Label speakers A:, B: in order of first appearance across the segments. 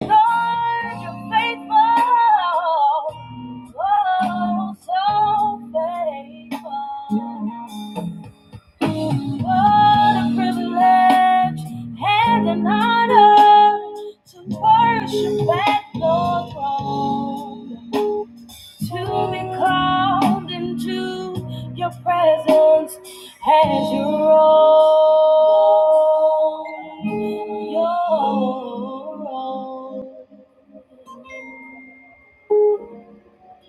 A: Lord, you're faithful. Oh, so faithful. What a privilege and honor to worship at your throne, to be called into your presence as your own. Your own.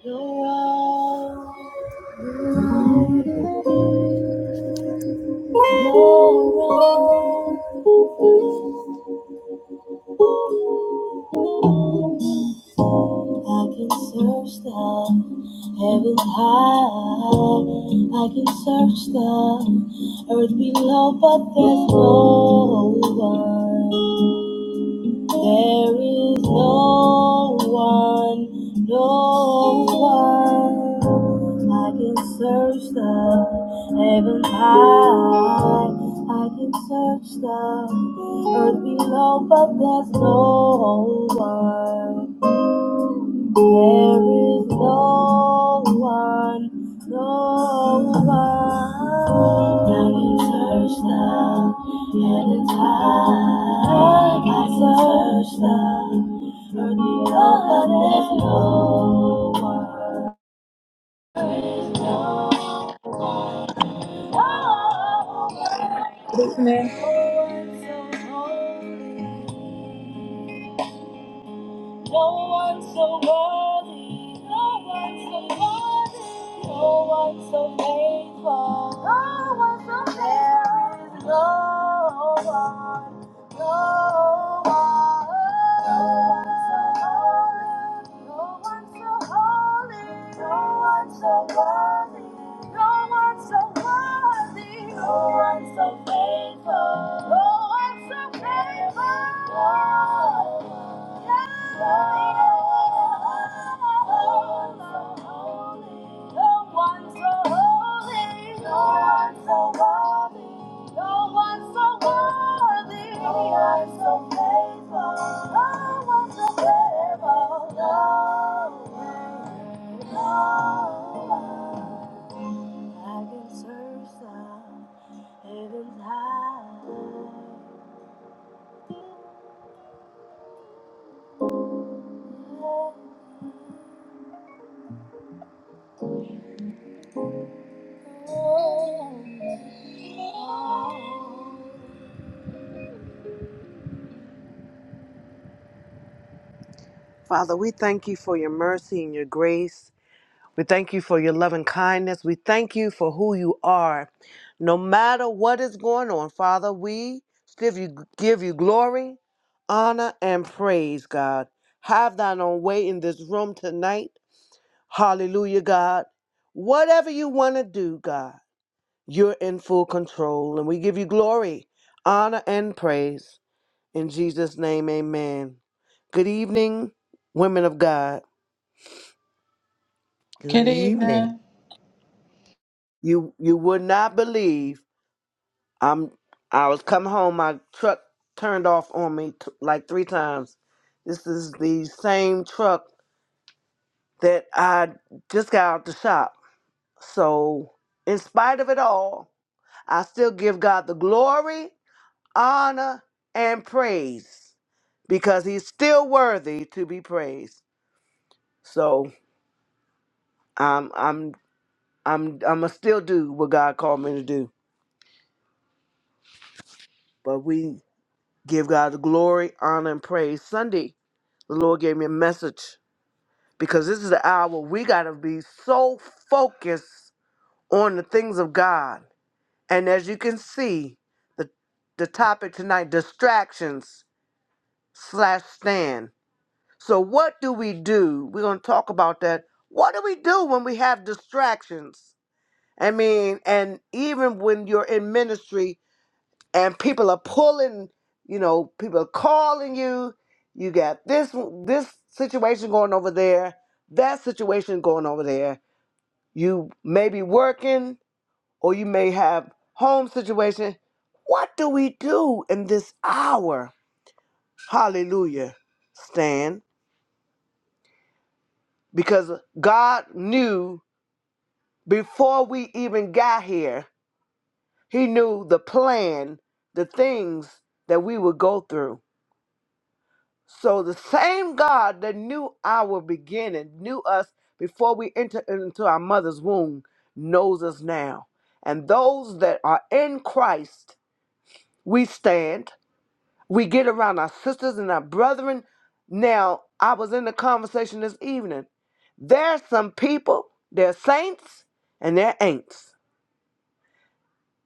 A: You're wrong. you I can search the heavens high. I can search the earth below, but there's no one. There is no one, no one. I can search the heaven high. I can search the earth below, but there's no one. There is no one, no one that can search the heavens high, that can search love for the earth below. There's no one,
B: evening.
A: there's no no one, no one so holy. No one so worthy, no one so worthy, no one so faithful, no one so faithful. There is no one, no one, no one so holy, no one so holy, no one so worthy, no one so worthy, no one so faithful, no one so faithful, no one so I can search the heavens high. Father, we thank you for your mercy and your grace. We thank you for your loving kindness. We thank you for who you are. No matter what is going on, Father, we give you, give you glory, honor, and praise, God. Have thine own way in this room tonight. Hallelujah, God. Whatever you want to do, God, you're in full control. And we give you glory, honor, and praise. In Jesus' name, amen. Good evening, women of God.
C: Good
B: Good
C: evening.
B: evening.
A: You you would not believe. I'm. I was coming home. My truck turned off on me t- like three times. This is the same truck that I just got out the shop. So, in spite of it all, I still give God the glory, honor, and praise because He's still worthy to be praised. So I'm I'm I'm I'm gonna still do what God called me to do. But we Give God the glory, honor, and praise. Sunday, the Lord gave me a message because this is the hour we got to be so focused on the things of God. And as you can see, the, the topic tonight distractions slash stand. So, what do we do? We're going to talk about that. What do we do when we have distractions? I mean, and even when you're in ministry, and people are pulling you know people are calling you you got this this situation going over there that situation going over there you may be working or you may have home situation what do we do in this hour hallelujah stan because god knew before we even got here he knew the plan the things that we would go through So the same God that knew our beginning, knew us before we entered into our mother's womb, knows us now. And those that are in Christ, we stand. We get around our sisters and our brethren. Now, I was in the conversation this evening. There's some people, they're saints and they're ain'ts.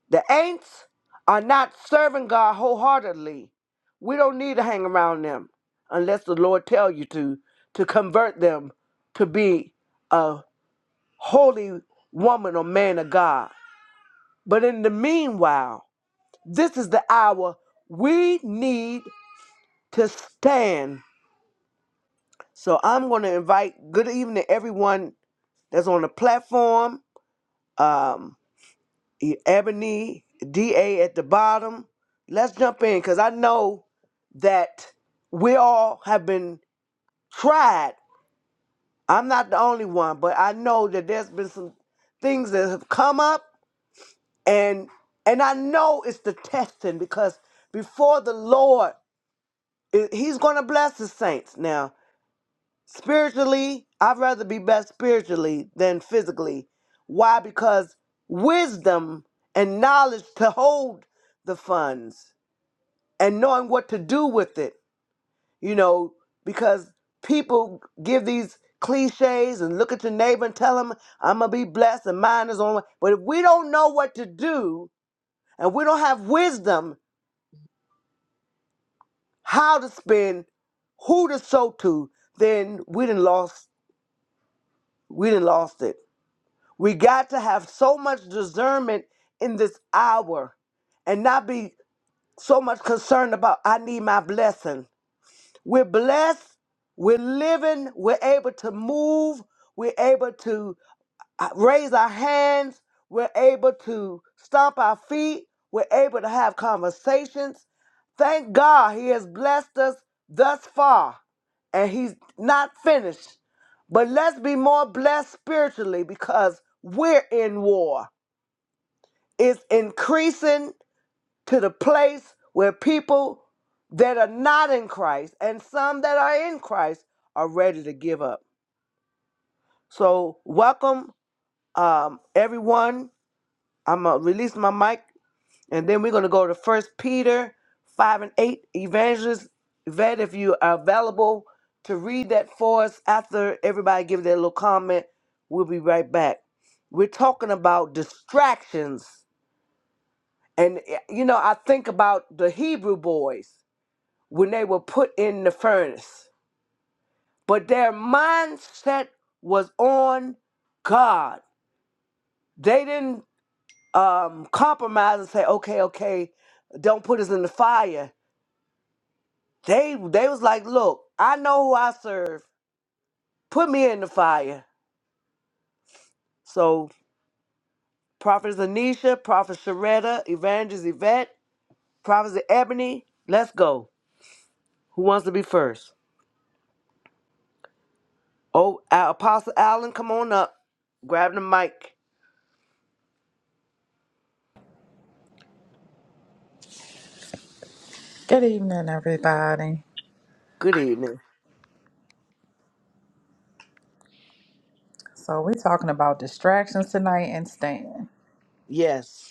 A: The ain'ts are not serving God wholeheartedly. We don't need to hang around them unless the Lord tell you to to convert them to be a holy woman or man of God. But in the meanwhile, this is the hour we need to stand. So I'm going to invite good evening everyone that's on the platform. Um, E- Ebony, DA at the bottom. Let's jump in because I know that we all have been tried. I'm not the only one, but I know that there's been some things that have come up and and I know it's the testing because before the Lord, i- he's going to bless his saints. Now, Spiritually, I'd rather be blessed spiritually than physically. Why? Because wisdom and knowledge to hold the funds and knowing what to do with it, you know, because people give these cliches and look at your neighbor and tell them, I'm going to be blessed and mine is on. the way." But if we don't know what to do and we don't have wisdom how to spend, who to sow to, then we done lost, we done lost it. We got to have so much discernment in this hour and not be so much concerned about, I need my blessing. We're blessed. We're living. We're able to move. We're able to uh, raise our hands. We're able to stomp our feet. We're able to have conversations. Thank God He has blessed us thus far, and He's not finished. But let's be more blessed spiritually because we're in war. It's increasing to the place where people that are not in Christ and some that are in Christ are ready to give up. So, welcome um, everyone. I'm going to release my mic and then we're going to go to First Peter 5 and 8. Evangelist Yvette, if you are available to read that for us after everybody give their little comment, we'll be right back. We're talking about distractions. And, eh, you know, I think about the Hebrew boys when they were put in the furnace. But their mindset was on God. They didn't um, compromise and say, okay, okay, don't put us in the fire. They they was like, look, I know who I serve. Put me in the fire. So Prophet Anisha, Prophet Sharetta, Evangelist Yvette, Prophet Ebony, let's go. Who wants to be first? Oh, uh, Apostle Allen, come on up. Grab the mic.
B: Good evening, everybody.
A: Good evening.
B: So we're talking about distractions tonight and staying.
A: Yes.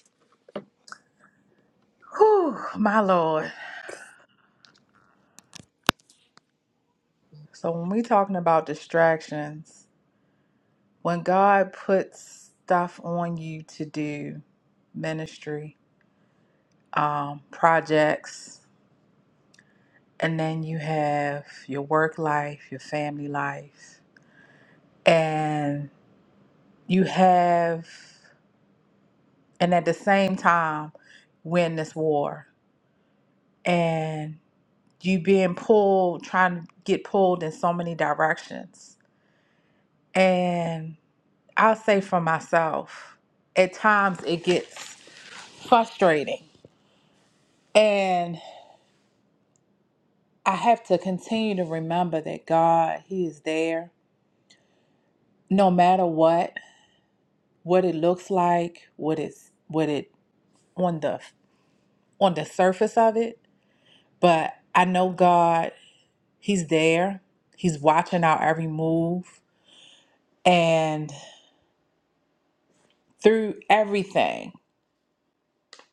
B: Whew, my lord. So when we are talking about distractions, when God puts stuff on you to do, ministry, um, projects, and then you have your work life, your family life, and you have, and at the same time, win this war. And you being pulled, trying to get pulled in so many directions. And I'll say for myself, at times it gets frustrating. And I have to continue to remember that God, He is there no matter what, what it looks like, what it's what it on the on the surface of it. But I know God, He's there. He's watching our every move. And through everything.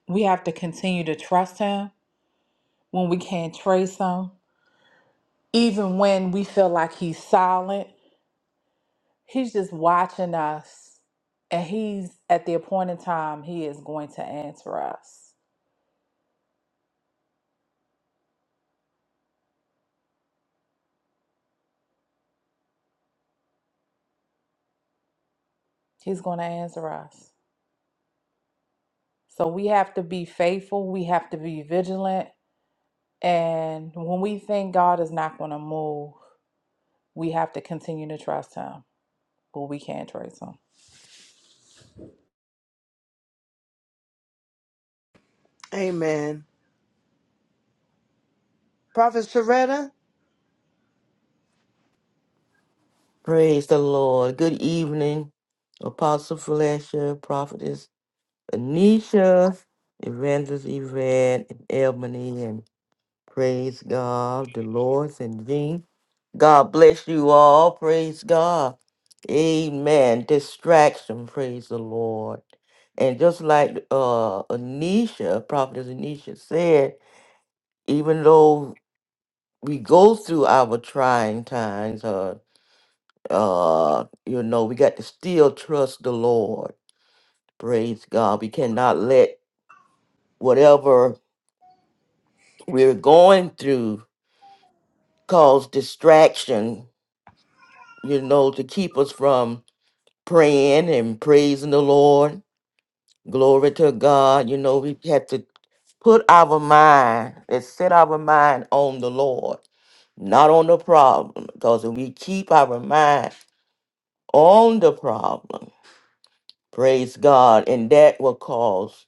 B: We have to continue to trust him when we can't trace him. Even when we feel like he's silent, he's just watching us. And he's at the appointed time, he is going to answer us. He's going to answer us. So we have to be faithful. We have to be vigilant. And when we think God is not going to move, we have to continue to trust him, but we can't trace him.
A: Amen. Prophet Soretta,
C: Praise the Lord. Good evening, Apostle Felicia, Prophetess Anisha, Evangelist Yvette, and Ebony, and praise God, Dolores and Jean. God bless you all. Praise God. Amen. Distraction. Praise the Lord. And just like uh, Anisha, Prophetess Anisha said, even though we go through our trying times, uh, Uh, you know, we got to still trust the Lord. Praise God. We cannot let whatever we're going through cause distraction, you know, to keep us from praying and praising the Lord. Glory to God. You know, we have to put our mind and set our mind on the Lord, not on the problem. Because if we keep our mind on the problem, praise God, and that will cause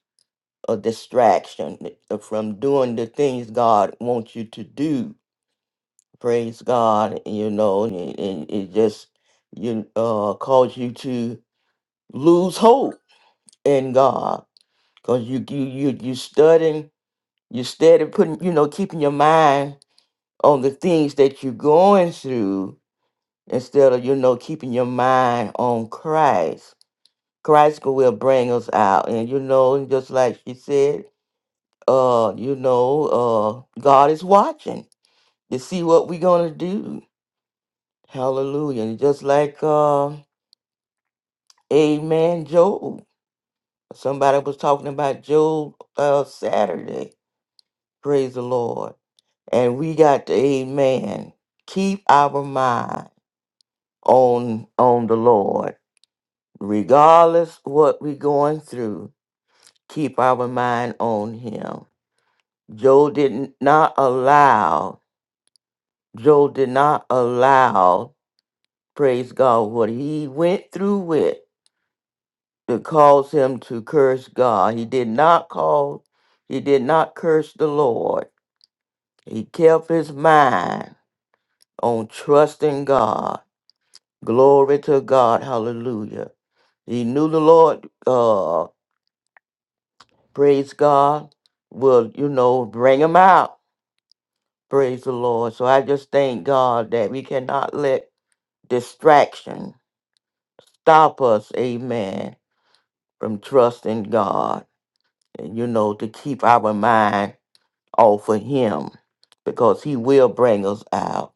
C: a distraction from doing the things God wants you to do. Praise God, you know, and, and it just you uh cause you to lose hope in God because you you you you studying you steady putting you know keeping your mind on the things that you're going through instead of you know keeping your mind on Christ. Christ will bring us out, and you know, just like she said, uh you know uh god is watching to see what we're gonna do hallelujah and just like uh amen job somebody was talking about job uh saturday praise the lord and we got to amen keep our mind on on the lord regardless what we're going through keep our mind on him job did not allow job did not allow praise God, what he went through with to cause him to curse God. He did not call, he did not curse the Lord. He kept his mind on trusting God. Glory to God. Hallelujah. He knew the Lord, uh, praise God, will, you know, bring him out. Praise the Lord. So I just thank God that we cannot let distraction stop us, amen, from trusting God. you know, to keep our mind off of him because he will bring us out.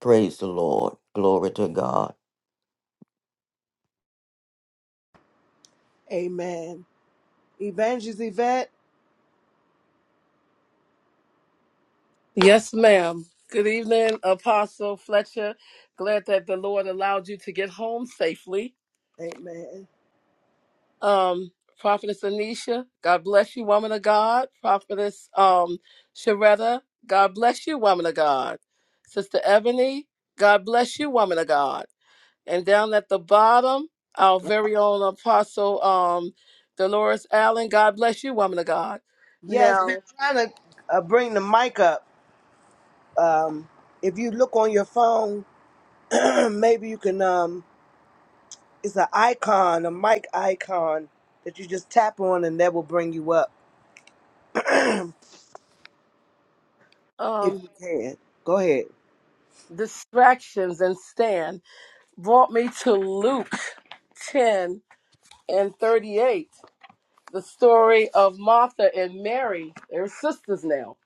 C: Praise the Lord. Glory to God.
A: amen. Evangelist Yvette,
D: Yes, ma'am. Good evening, Apostle Fletcher. Glad that the Lord allowed you to get home safely.
A: amen.
D: Um, Prophetess Anisha, God bless you, woman of God. Prophetess um, Sharetta, God bless you, woman of God. Sister Ebony, God bless you, woman of God. And down at the bottom, our very own Apostle um, Dolores Allen, God bless you, woman of God.
A: Yes, we're
D: Now,
A: trying to uh, bring the mic up. Um, if you look on your phone, maybe you can, um, it's an icon, a mic icon that you just tap on and that will bring you up if
D: um,
A: you can. Go ahead.
D: distractions and stand. brought me to Luke 10 and 38, the story of Martha and Mary. They're sisters now.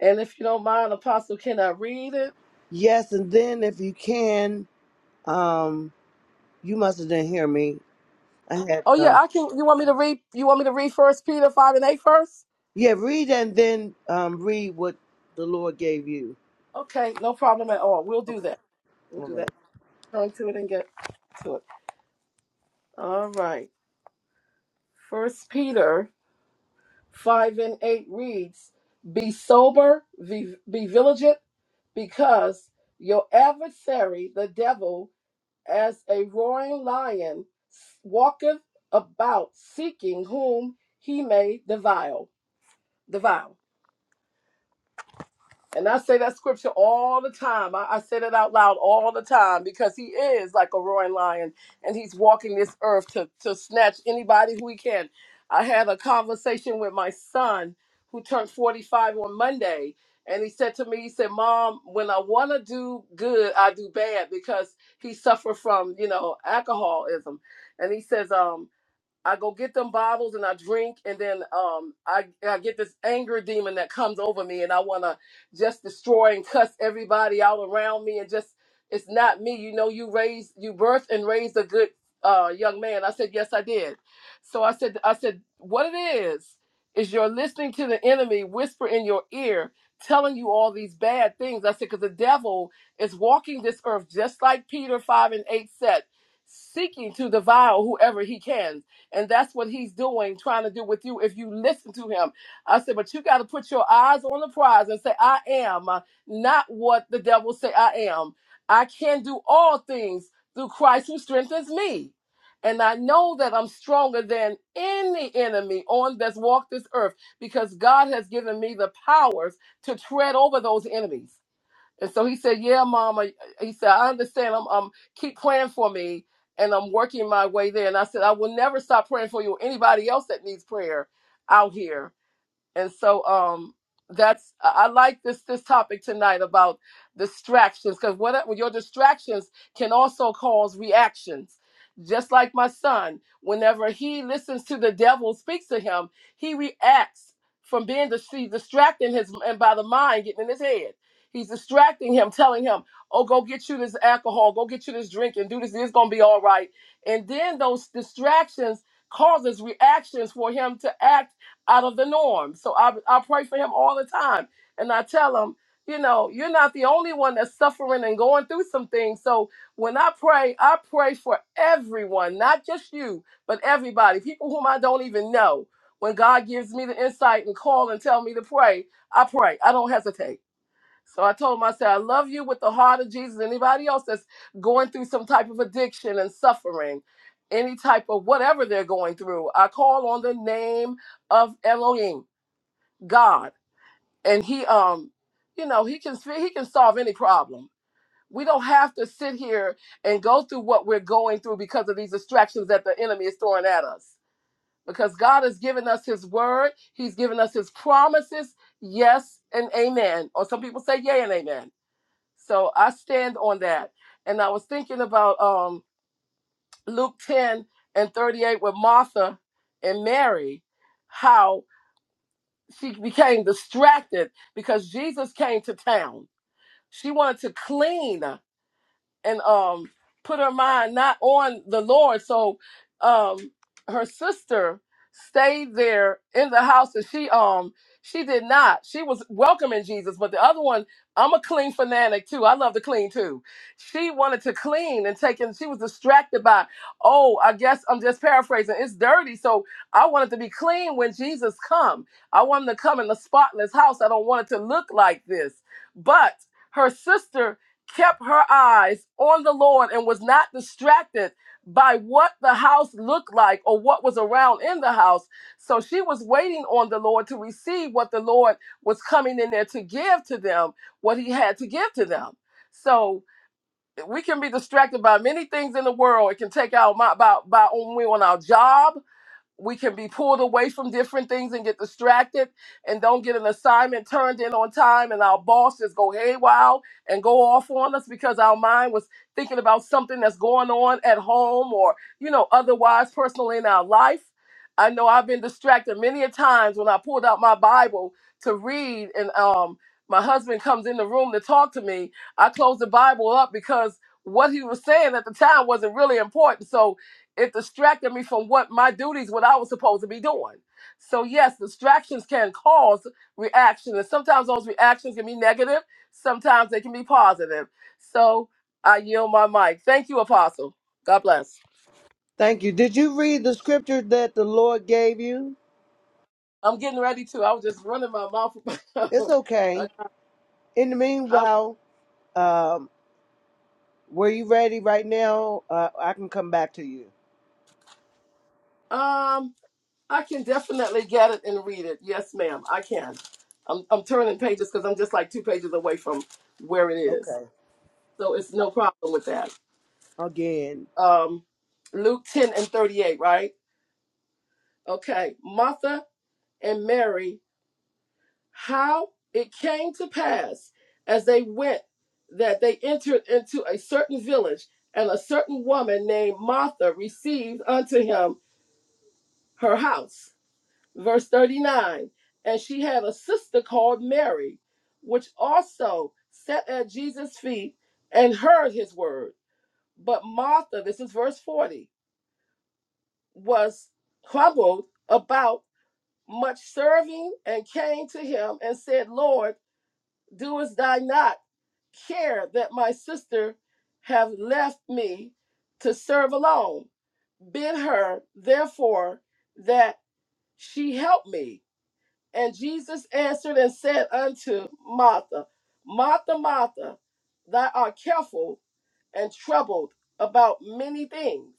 D: And if you don't mind, Apostle, can I read it?
A: Yes, and then if you can, um, you must have didn't hear me. I had,
D: Oh yeah,
A: uh,
D: I can. You want me to read? You want me to read First Peter five and eight first?
A: yeah, read and then um, read what the Lord gave you.
D: Okay, no problem at all. We'll do
A: Okay,
D: that. We'll
A: all
D: do
A: right.
D: that. Turn to it and get to it. All right. First Peter 5 and 8 reads, Be sober, be, be vigilant, because your adversary, the devil, as a roaring lion, walketh about seeking whom he may devour. devour. And I say that scripture all the time. I, I say that out loud all the time because he is like a roaring lion and he's walking this earth to, to snatch anybody who he can. I had a conversation with my son who turned 45 on Monday. And he said to me, he said, Mom, when I want to do good, I do bad because he suffered from, you know, alcoholism. And he says, um, I go get them bottles and I drink, and then um, I I get this anger demon that comes over me, and I wanna just destroy and cuss everybody out around me, and just it's not me. You know, you raised, you birthed and raised a good uh, young man. I said, yes, I did. So I said, I said, what it is is you're listening to the enemy whisper in your ear, telling you all these bad things. I said, because the devil is walking this earth just like Peter five and eight said, seeking to devour whoever he can. And that's what he's doing, trying to do with you if you listen to him. I said, but you got to put your eyes on the prize and say, I am uh, not what the devil say I am. I can do all things through Christ who strengthens me. And I know that I'm stronger than any enemy on this walk this earth because God has given me the powers to tread over those enemies. And so he said, "Yeah, Mama." He said, "I understand. I'm, um, keep praying for me, and I'm working my way there." And I said, "I will never stop praying for you or anybody else that needs prayer out here." and so um that's i I like this this topic tonight about distractions because what uh, your distractions can also cause reactions just like my son whenever he listens to the devil speaks to him he reacts from being dis- he's distracting his and by the mind getting in his head he's distracting him telling him oh go get you this alcohol go get you this drink and do this it's gonna be all right and then those distractions causes reactions for him to act out of the norm. So I, I pray for him all the time. And I tell him, you know, you're not the only one that's suffering and going through some things. So when I pray, I pray for everyone, not just you, but everybody, people whom I don't even know. When God gives me the insight and call and tell me to pray, I pray. I don't hesitate. So I told him, I said, I love you with the heart of Jesus. Anybody else that's going through some type of addiction and suffering, any type of whatever they're going through, I call on the name of Elohim, God. And he um, you know, he can he can solve any problem. We don't have to sit here and go through what we're going through because of these distractions that the enemy is throwing at us. Because God has given us his word, he's given us his promises, yes and amen. Or some people say yay and amen. So I stand on that. And I was thinking about um, Luke 10 and 38 with Martha and Mary, how she became distracted because Jesus came to town. She wanted to clean and um put her mind not on the Lord. So um her sister stayed there in the house and she um she did not. She was welcoming Jesus, but the other one, I'm a clean fanatic too. I love to clean too. She wanted to clean and take and she was distracted by, oh, I guess I'm just paraphrasing. It's dirty. So I wanted to be clean when Jesus come. I want him to come in a spotless house. I don't want it to look like this. But her sister kept her eyes on the Lord and was not distracted by what the house looked like or what was around in the house. So she was waiting on the Lord to receive what the Lord was coming in there to give to them, what he had to give to them. So we can be distracted by many things in the world. It can take our my by, by when we're on our job we can be pulled away from different things and get distracted and don't get an assignment turned in on time and our bosses go haywire and go off on us because our mind was thinking about something that's going on at home or you know otherwise personally in our life i know i've been distracted many a times when i pulled out my bible to read and um my husband comes in the room to talk to me i closed the bible up because what he was saying at the time wasn't really important so it distracted me from what my duties, what I was supposed to be doing. So yes, distractions can cause reaction, and sometimes those reactions can be negative. Sometimes they can be positive. So I yield my mic. Thank you, Apostle. God bless.
A: Thank you. Did you read the scripture that the Lord gave you?
D: I'm getting ready to. I was just running my mouth.
A: It's okay.
D: I,
A: In the
D: I,
A: meanwhile, um, were you ready right now? Uh, I can come back to you.
D: um, I can definitely get it and read it. Yes, ma'am, I can. I'm, I'm turning pages because I'm just like two pages away from where it is.
A: Okay.
D: So it's no problem with that.
A: Again.
D: um, Luke 10 and 38, right? Okay. Martha and Mary, how it came to pass as they went that they entered into a certain village, and a certain woman named Martha received unto him her house. Verse 39 And she had a sister called Mary, which also sat at Jesus' feet and heard his word. But Martha, this is verse 40, was troubled about much serving and came to him and said, Lord, doest thou not care that my sister have left me to serve alone? Bid her, therefore, that she help me. And Jesus answered and said unto Martha, Martha, Martha, thou art careful and troubled about many things.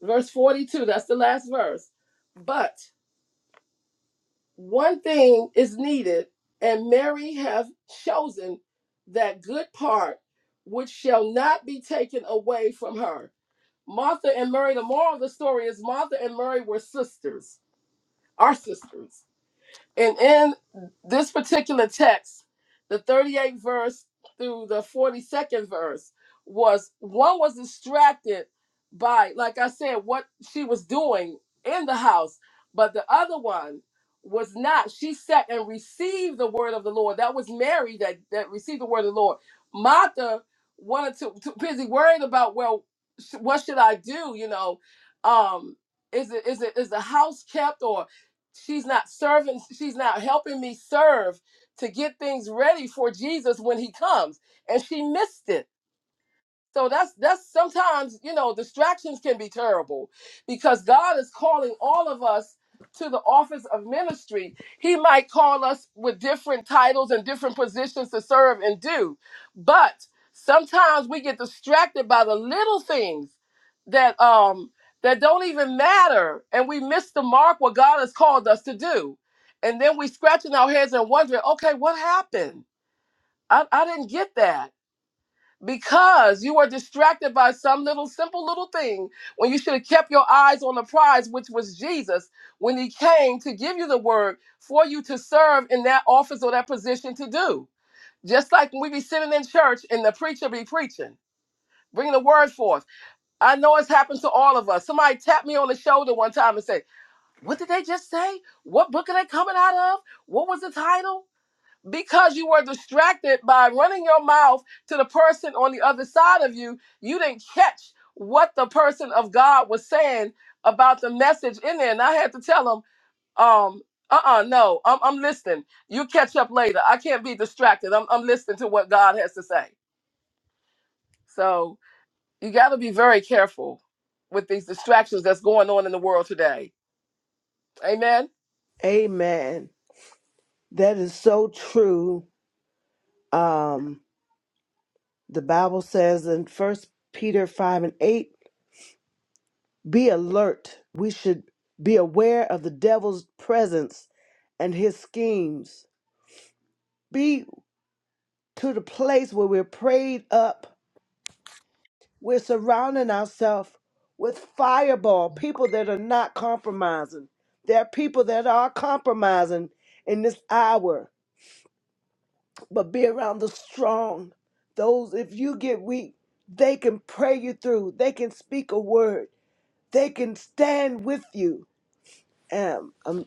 D: Verse 42, that's the last verse. But one thing is needed, and Mary hath chosen that good part which shall not be taken away from her. Martha and Mary, the moral of the story is Martha and Mary were sisters, our sisters. And in this particular text, the 38th verse through the 42nd verse was one was distracted by, like I said, what she was doing in the house, but the other one was not. She sat and received the word of the Lord. That was Mary that, that received the word of the Lord. Martha wanted to, to busy worrying about, well, sh- what should I do? You know, um, is it is it is the house kept or she's not serving she's not helping me serve to get things ready for jesus when he comes and she missed it so that's that's sometimes, you know, distractions can be terrible because God is calling all of us to the office of ministry. He might call us with different titles and different positions to serve and do. But sometimes we get distracted by the little things that um that don't even matter and we miss the mark what God has called us to do. And then we scratching our heads and wondering, okay, what happened? I, I didn't get that because you were distracted by some little simple little thing when you should have kept your eyes on the prize which was jesus when he came to give you the word for you to serve in that office or that position to do just like when we be sitting in church and the preacher be preaching bring the word forth i know it's happened to all of us somebody tapped me on the shoulder one time and said what did they just say what book are they coming out of what was the title because you were distracted by running your mouth to the person on the other side of you, you didn't catch what the person of God was saying about the message in there. And I had to tell him, um, uh-uh, no, I'm, I'm listening. You catch up later. I can't be distracted. I'm, I'm listening to what God has to say. So you got to be very careful with these distractions that's going on in the world today. Amen.
A: Amen. That is so true. Um, the Bible says in First Peter 5 and 8, be alert. We should be aware of the devil's presence and his schemes. Be to the place where we're prayed up We're surrounding ourselves with fireball, people that are not compromising. There are people that are compromising in this hour, but be around the strong. Those, if you get weak, they can pray you through, they can speak a word, they can stand with you. Um, um,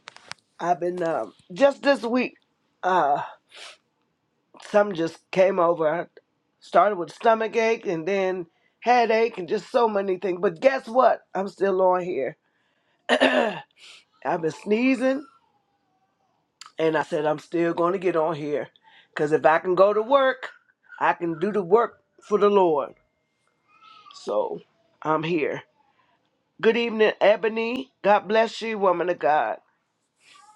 A: I've been, um, just this week, uh, some just came over. I started with stomach ache and then headache and just so many things. But guess what? I'm still on here I've been sneezing, and I said I'm still going to get on here, cause if I can go to work, I can do the work for the Lord. So I'm here. Good evening, Ebony. God bless you, woman of God.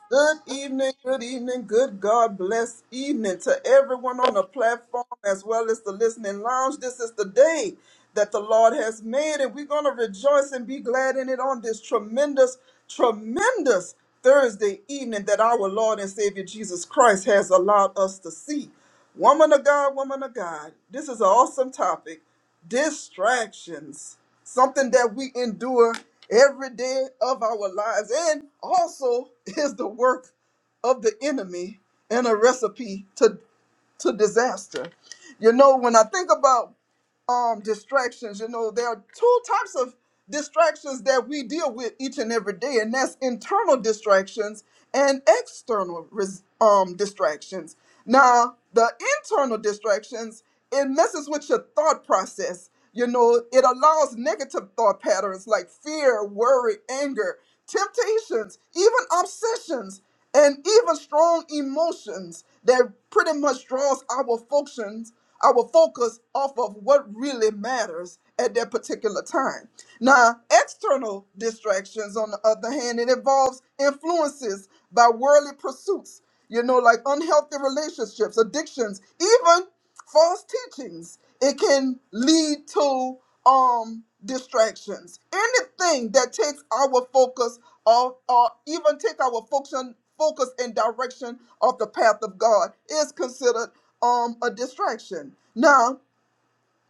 E: Good evening, good evening, good God bless evening to everyone on the platform as well as the listening lounge. This is the day that the Lord has made, and we're going to rejoice and be glad in it on this tremendous, tremendous Thursday evening that our Lord and Savior Jesus Christ has allowed us to see. Woman of God, woman of God, this is an awesome topic distractions, something that we endure every day of our lives, and also is the work of the enemy and a recipe to, to disaster. You know, when I think about um distractions you know there are two types of distractions that we deal with each and every day and that's internal distractions and external res- um distractions now the internal distractions it messes with your thought process you know it allows negative thought patterns like fear worry anger temptations even obsessions and even strong emotions that pretty much draws our functions our focus off of what really matters at that particular time now external distractions on the other hand it involves influences by worldly pursuits you know like unhealthy relationships addictions even false teachings. It can lead to um distractions. Anything that takes our focus off or even take our function focus and direction of the path of God is considered um a distraction. Now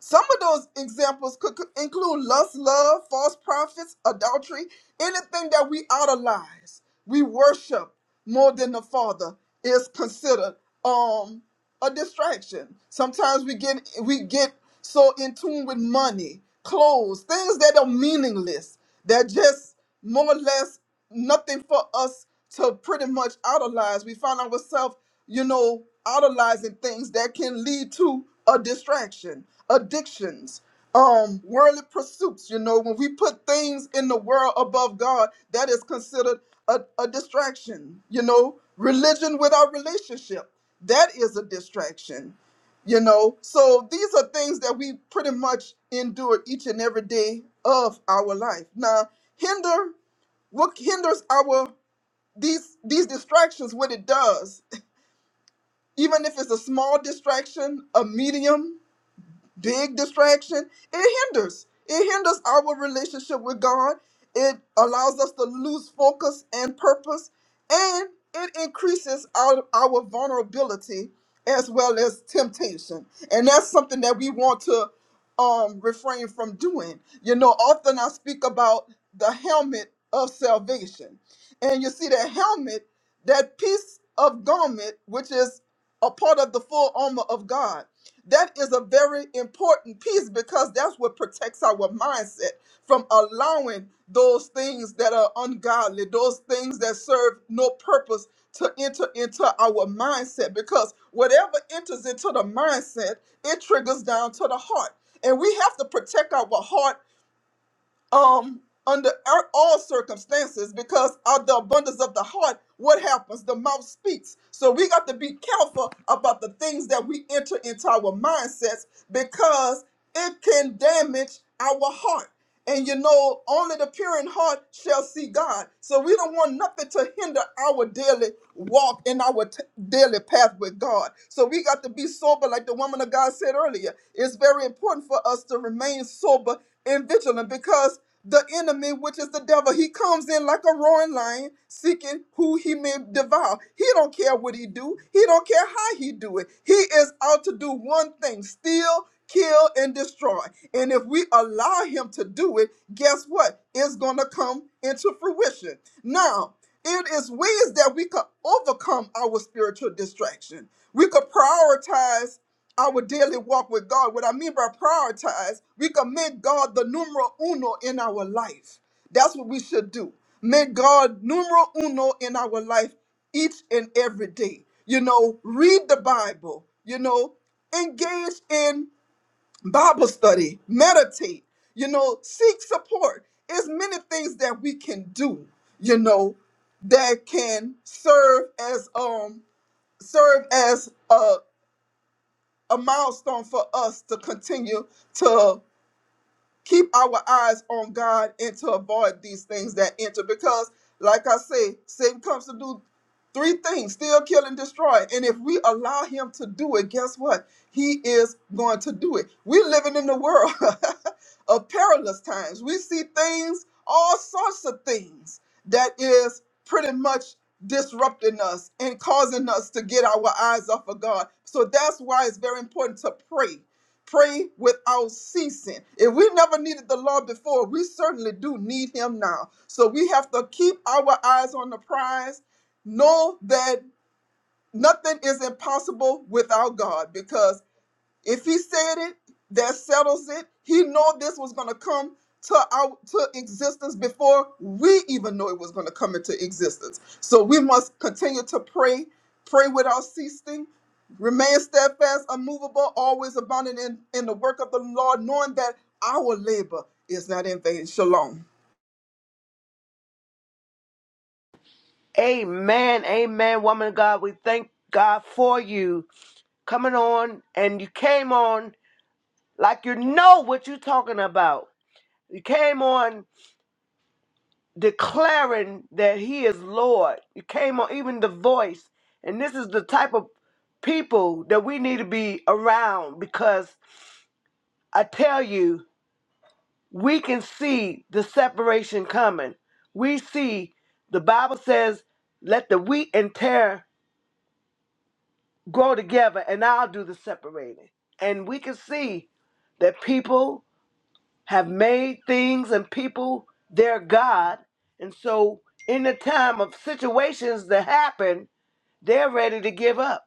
E: some of those examples could could include lust, love, false prophets, adultery, anything that we idolize, we worship more than the Father is considered um a distraction. Sometimes we get we get so in tune with money, clothes, things that are meaningless, that just more or less nothing for us to pretty much idolize. We find ourselves, you know, idolizing things that can lead to a distraction, addictions, um, worldly pursuits. You know, when we put things in the world above God, that is considered a, a distraction. You know, religion without relationship, that is a distraction. You know, so these are things that we pretty much endure each and every day of our life. Now, hinder what hinders our these these distractions? What it does, even if it's a small distraction, a medium big distraction, it hinders. It hinders our relationship with God. It allows us to lose focus and purpose, and it increases our, our vulnerability as well as temptation. And that's something that we want to um, refrain from doing. You know, often I speak about the helmet of salvation. And you see that helmet, that piece of garment, which is a part of the full armor of God that is a very important piece because that's what protects our mindset from allowing those things that are ungodly, those things that serve no purpose to enter into our mindset. Because whatever enters into the mindset, it triggers down to the heart. And we have to protect our heart. Um, under ar- all circumstances because of the abundance of the heart what happens the mouth speaks so we got to be careful about the things that we enter into our mindsets because it can damage our heart and you know only the pure in heart shall see god so we don't want nothing to hinder our daily walk in our t- daily path with god so we got to be sober like the woman of god said earlier it's very important for us to remain sober and vigilant because the enemy, which is the devil, he comes in like a roaring lion, seeking who he may devour. He don't care what he do. He don't care how he do it. He is out to do one thing: steal, kill, and destroy. And if we allow him to do it, guess what? It's gonna come into fruition. Now, it is ways that we could overcome our spiritual distraction. We could prioritize our daily walk with God. What I mean by prioritize, we can make God the numero uno in our life. That's what we should do. Make God numero uno in our life each and every day. You know, read the Bible, you know, engage in Bible study, meditate, you know, seek support. There's many things that we can do, you know, that can serve as um serve as a a milestone for us to continue to keep our eyes on God and to avoid these things that enter. Because, like I say, Satan comes to do three things steal, kill, and destroy. And if we allow him to do it, guess what? He is going to do it. We're living in the world of perilous times. We see things, all sorts of things that is pretty much disrupting us and causing us to get our eyes off of God. So that's why it's very important to pray pray without ceasing. If we never needed the Lord before, we certainly do need him now. So we have to keep our eyes on the prize. Know that nothing is impossible without God because if he said it, that settles it. He knew this was going to come to out to existence before we even knew it was going to come into existence. So we must continue to pray, pray without ceasing, remain steadfast, unmovable, always abounding in, in the work of the Lord, knowing that our labor is not in vain. Shalom.
A: Amen, amen, woman of God. We thank God for you coming on, and you came on like you know what you're talking about. You came on. declaring that he is Lord. It came on even the voice. And this is the type of people that we need to be around because I tell you, we can see the separation coming. We see the Bible says, let the wheat and tare grow together, and I'll do the separating. And we can see that people have made things and people their God. And so, in the time of situations that happen, they're ready to give up.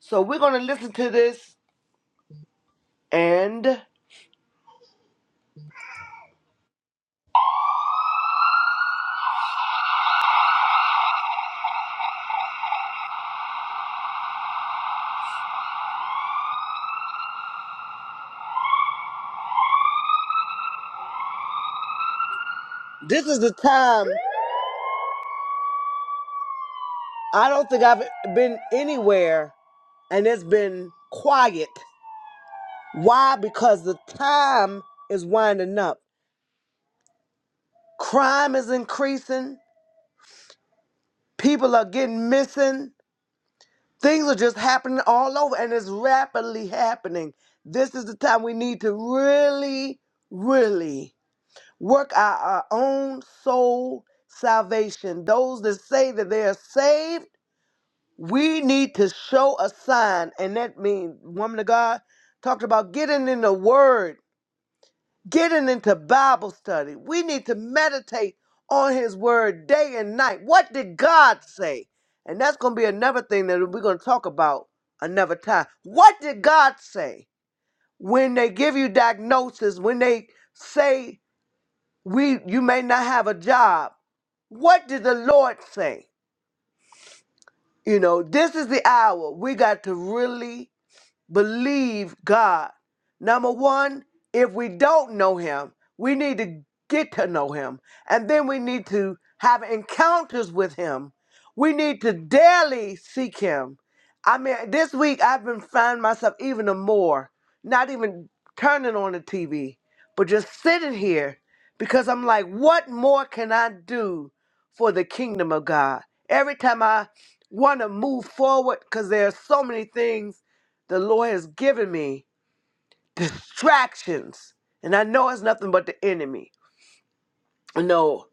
A: So, we're going to listen to this. And this is the time I don't think I've been anywhere and it's been quiet. Why? Because the time is winding up. Crime is increasing, people are getting missing, Things are just happening all over and it's rapidly happening. This is the time we need to really, really work our, our own soul salvation. Those that say that they are saved, we need to show a sign. And that means, woman of God talked about getting in the word getting into Bible study. We need to meditate on His Word day and night. What did God say? And that's going to be another thing that we're going to talk about another time. What did God say? When they give you diagnosis, when they say we you may not have a job, what did the Lord say? You know, this is the hour we got to really believe God. Number one, if we don't know Him, we need to get to know Him. And then we need to have encounters with Him. We need to daily seek Him. I mean, this week I've been finding myself even more, not even turning on the TV, but just sitting here because I'm like, what more can I do for the kingdom of God? Every time I want to move forward, because there are so many things the Lord has given me distractions. And I know it's nothing but the enemy. No,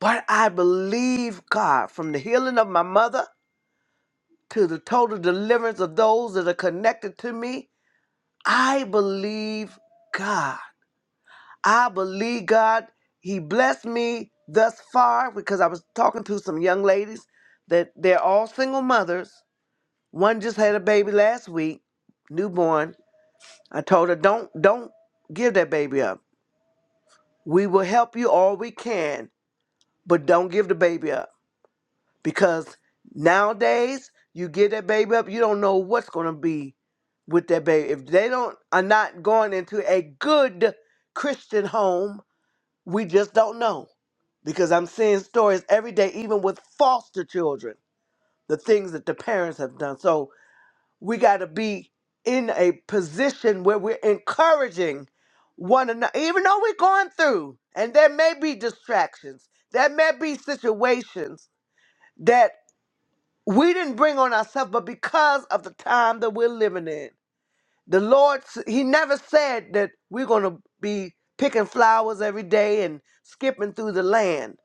A: but I believe God from the healing of my mother to the total deliverance of those that are connected to me. I believe God. I believe God. He blessed me thus far because I was talking to some young ladies that they're all single mothers. One just had a baby last week, newborn. I told her, don't, don't give that baby up. We will help you all we can, but don't give the baby up because nowadays you give that baby up, you don't know what's going to be with that baby. If they don't are not going into a good Christian home, we just don't know because I'm seeing stories every day, even with foster children, the things that the parents have done. So we got to be in a position where we're encouraging one another, even though we're going through, and there may be distractions, there may be situations that we didn't bring on ourselves, but because of the time that we're living in, the Lord, s- He never said that we're going to be picking flowers every day and skipping through the land.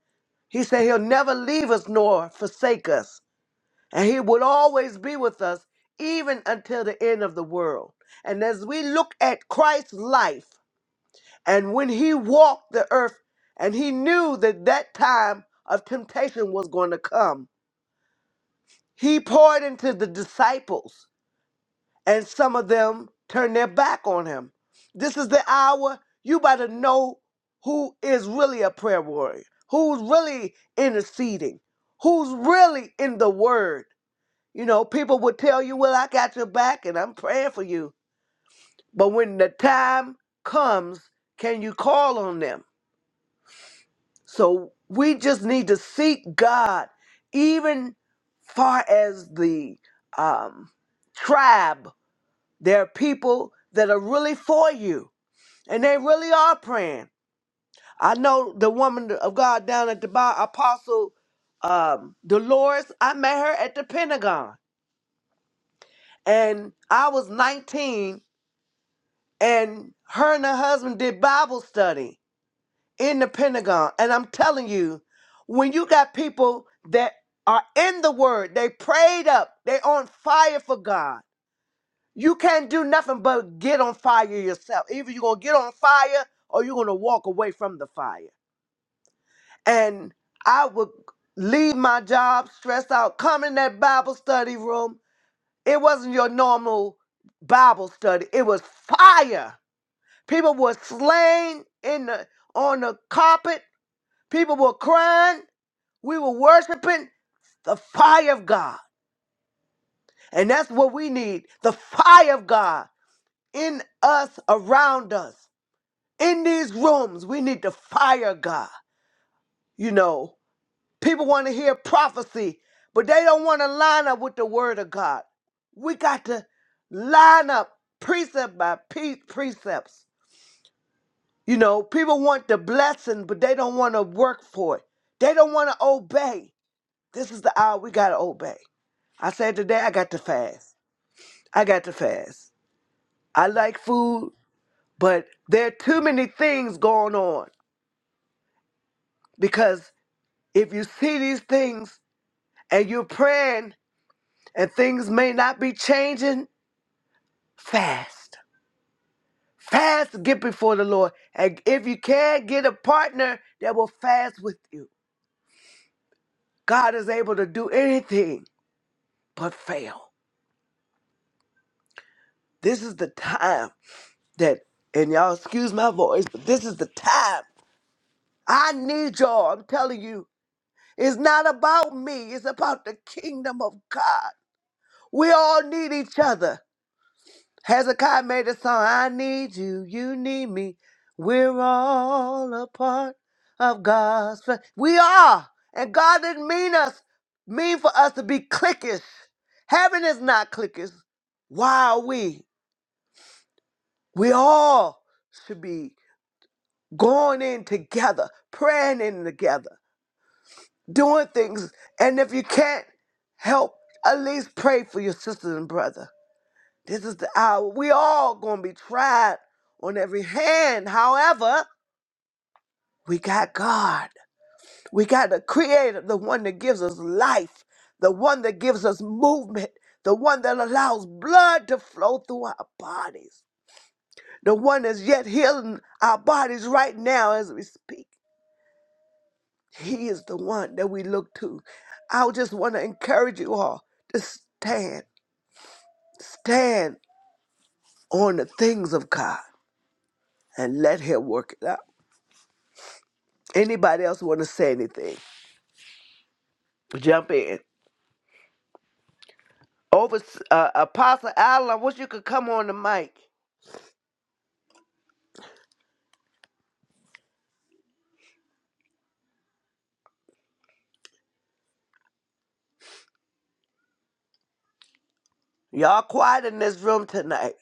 A: He said He'll never leave us nor forsake us and he will always be with us even until the end of the world. And as we look at Christ's life and when he walked the earth and he knew that that time of temptation was going to come, he poured into the disciples and some of them turned their back on him. This is the hour you better know who is really a prayer warrior, who's really interceding, who's really in the word You know, people would tell you, Well, I got your back and I'm praying for you. But when the time comes, can you call on them? So we just need to seek God, even far as the um, tribe. There are people that are really for you, and they really are praying. I know the woman of God down at the bar, Apostle um, Dolores. I met her at the Pentagon, and I was 19 and her and her husband did Bible study in the Pentagon. And I'm telling you, when you got people that are in the Word, they prayed up, they on fire for God. You can't do nothing but get on fire yourself. Either you're gonna get on fire or you're gonna walk away from the fire. And I would leave my job stressed out, come in that Bible study room. It wasn't your normal Bible study. It was fire People were slain in the on the carpet. People were crying. We were worshiping the fire of God. And that's what we need. The fire of God in us, around us. In these rooms, we need the fire of God. You know, people want to hear prophecy, but they don't want to line up with the word of God. We got to line up precept by pre- precepts You know, people want the blessing, but they don't want to work for it. They don't want to obey. This is the hour we got to obey. I said today, I got to fast. I got to fast. I like food, but there are too many things going on because if you see these things and you're praying and things may not be changing, fast. Fast, get before the Lord. And if you can, get a partner that will fast with you. God is able to do anything but fail. This is the time that, and y'all excuse my voice, but this is the time. I need y'all. I'm telling you, it's not about me, it's about the kingdom of God. We all need each other. Hezekiah made a song I need you, you need me. We're all a part of God's. fa- We are. And God didn't mean us, mean for us to be cliquish. Heaven is not cliquish. Why are we? We all should be going in together, praying in together, doing things. And if you can't help, at least pray for your sisters and brother. This is the hour. We all gonna be tried on every hand. However, we got God. We got the Creator, the one that gives us life, the one that gives us movement, the one that allows blood to flow through our bodies, the one that's yet healing our bodies right now as we speak. He is the one that we look to. I just want to encourage you all to stand, stand on the things of God and let Him work it out. Anybody else want to say anything? Jump in. Over, uh, Apostle Allen, I wish you could come on the mic. Y'all quiet in this room tonight.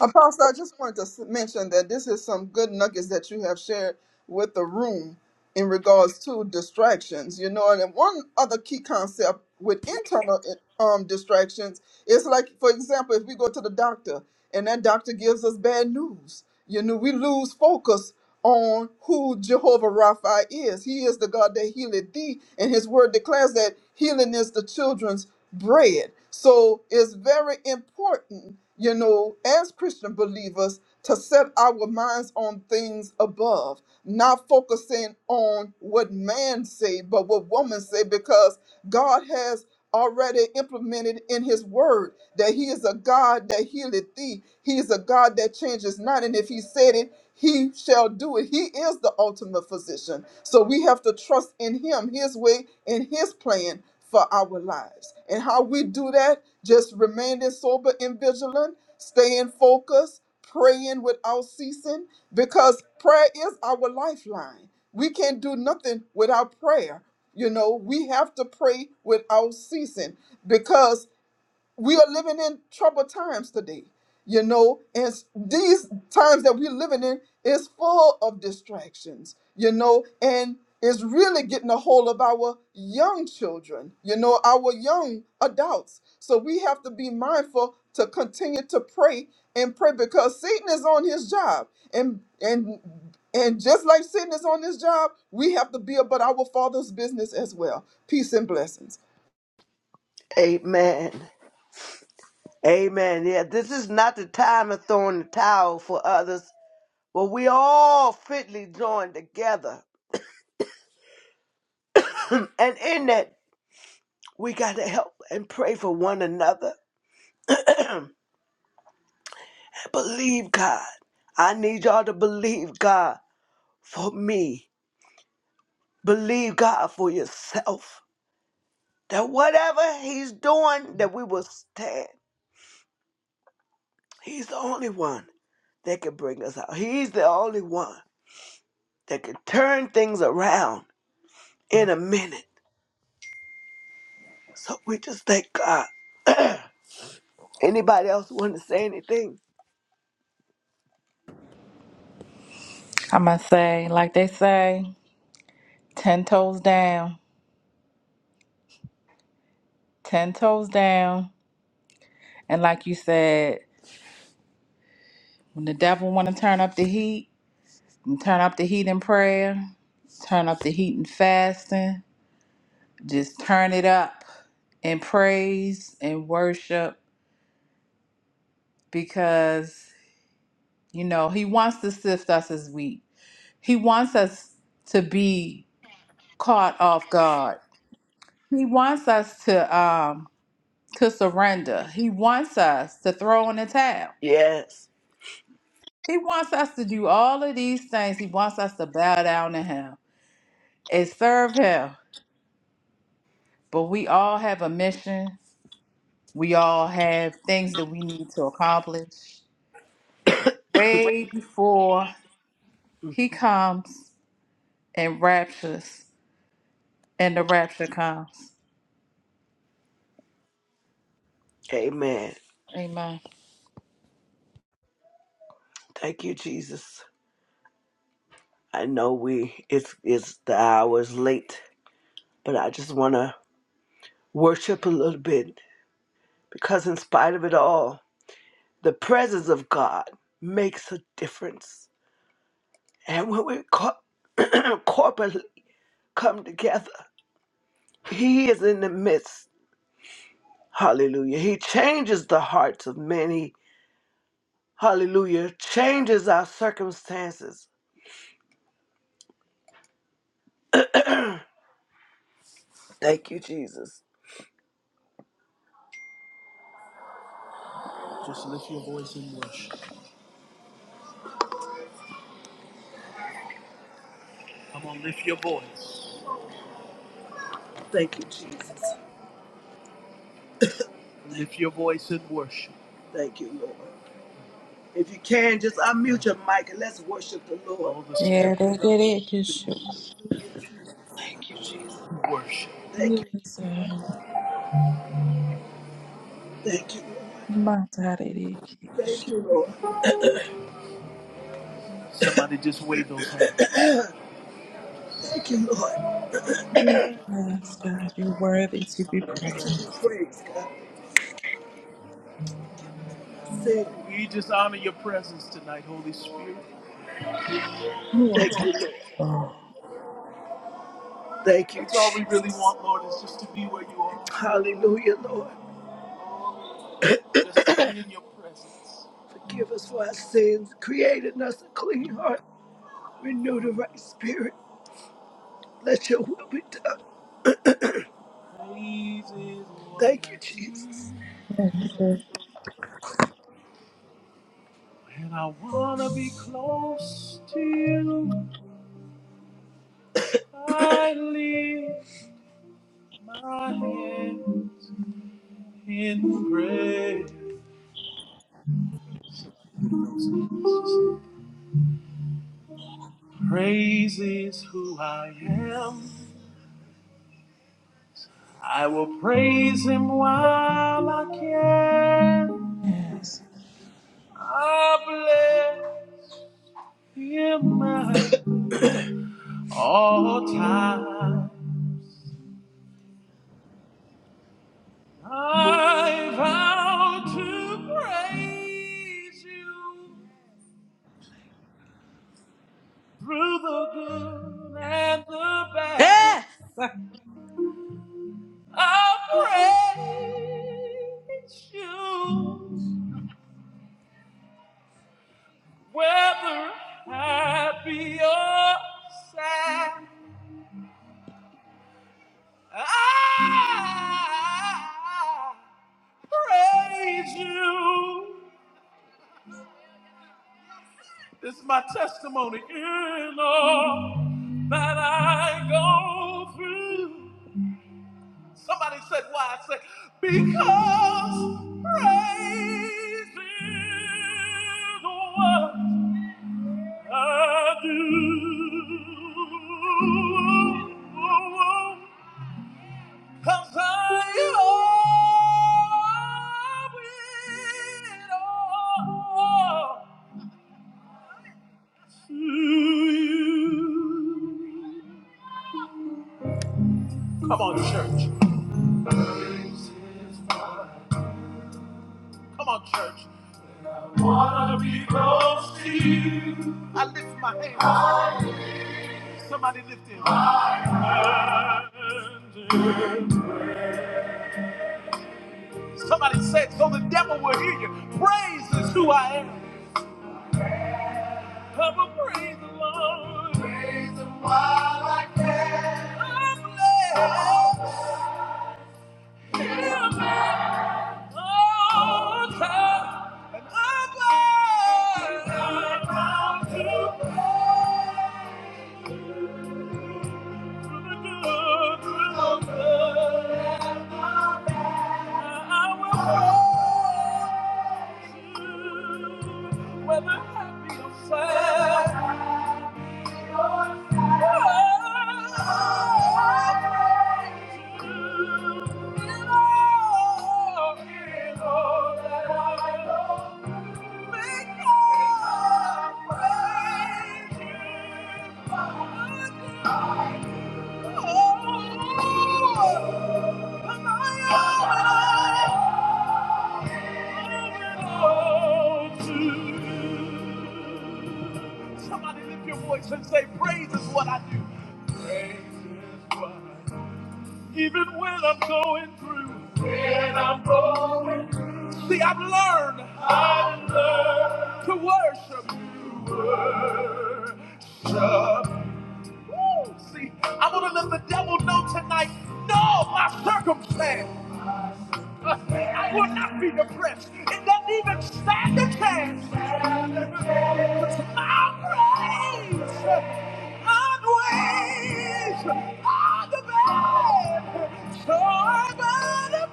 E: Apostle, I just wanted to s- mention that this is some good nuggets that you have shared with the room in regards to distractions. You know, and then one other key concept with internal eh, um, distractions is like, for example, if we go to the doctor and that doctor gives us bad news, you know, we lose focus on who Jehovah Rapha is. He is the God that healeth thee, and His Word declares that healing is the children's bread. So it's very important, you know, as Christian believers to set our minds on things above, not focusing on what man say, but what woman say, because God has already implemented in his word that he is a God that healeth thee. He is a God that changes not. And if he said it, he shall do it. He is the ultimate physician. So we have to trust in him, his way, and his plan for our lives. And how we do that, just remaining sober and vigilant, staying focused, praying without ceasing, because prayer is our lifeline. We can't do nothing without prayer. You know, we have to pray without ceasing because we are living in troubled times today you know and s- these times that we're living in is full of distractions you know and it's really getting a hold of our young children you know our young adults so we have to be mindful to continue to pray and pray because satan is on his job and and and just like satan is on his job we have to be about our father's business as well peace and blessings
A: Amen. Amen. Yeah, this is not the time of throwing the towel for others, but we all fitly joined together. And in that We got to help and pray for one another. Believe God. I need y'all to believe God for me. Believe God for yourself. That whatever He's doing, that we will stand. He's the only one that can bring us out. He's the only one that can turn things around in a minute. So we just thank God. Anybody else want to say anything?
B: I must say, like they say, 10 toes down, 10 toes down. And like you said, when the devil want to turn up the heat, turn up the heat in prayer, turn up the heat in fasting, just turn it up in praise and worship because you know, he wants to sift us as wheat. He wants us to be caught off guard. He wants us to um to surrender. He wants us to throw in the towel.
A: Yes.
B: He wants us to do all of these things. He wants us to bow down to him. and serve him. But we all have a mission. We all have things that we need to accomplish way before he comes and raptures and the rapture comes.
A: Amen.
B: Amen.
A: Thank you, Jesus. I know we it's it's the hours late, but I just want to worship a little bit because in spite of it all, the presence of God makes a difference. And when we co- corporately come together, He is in the midst. Hallelujah. He changes the hearts of many. Hallelujah. Changes our circumstances. Thank you, Jesus. Just lift your voice and worship. Come on, lift your voice. Thank you, Jesus. Lift your voice in worship. Thank you, Lord. If you can, just unmute your mic and let's worship the Lord. Oh, the Spirit
B: Yeah,
A: of
B: they
A: God,
B: get it. Yes, you- Thank you, Jesus.
A: worship. Thank you.
B: Yes, uh,
A: Thank you, Lord.
B: my God, it is.
A: Thank you, Lord. Somebody just wave those hands. Thank you, Lord.
B: Yes, God, you're worthy to be
A: Let's
B: praised.
A: give you praise, God. Sing. We just honor your presence tonight, Holy Spirit.
B: You are
A: Thank
B: to
A: you, Lord.
B: oh,
A: Thank you, That's all we really Jesus. want, Lord, is just to be where you are. Hallelujah, Lord. Just sitting in your presence. Forgive us for our sins. Create in us a clean heart. Renew the right spirit. Let your will be done. Praise is what Thank you, I Jesus.
B: Yes, sir.
A: do. And I wanna be close to you. I lift my hands in praise. Praise is who I am. I will praise him while I can.
B: yes.
A: I bless him at all times. I vow to praise you through the good and the bad.
B: Yes.
A: I praise you whether happy or sad. I praise you. This is my testimony in all that I go through. Somebody said, Why? I said, Because praise is what I do. I'm tired of it all to you. Come on, church. Come on, church. I wanna be close to you. I lift my hands. Somebody lift it. Somebody said so the devil will hear you. Praise is who I am. Come and praise the Lord. Praise Him while I can. I'm blessed. Hear me, Lord, and I'm blessed. I come to praise. You. Whether happy or sad, Thank you. Somebody lift your voice and say, Praise is what I do. Praise is what I do. Even when I'm going through. When I'm going through. See, I've learned. I've learned. To worship. To worship. Woo! See, I want to let the devil know tonight, no, my circumstance. uh, I will not be depressed. It doesn't even stand a chance. Because my praise outweighs all the bad. So I'm gonna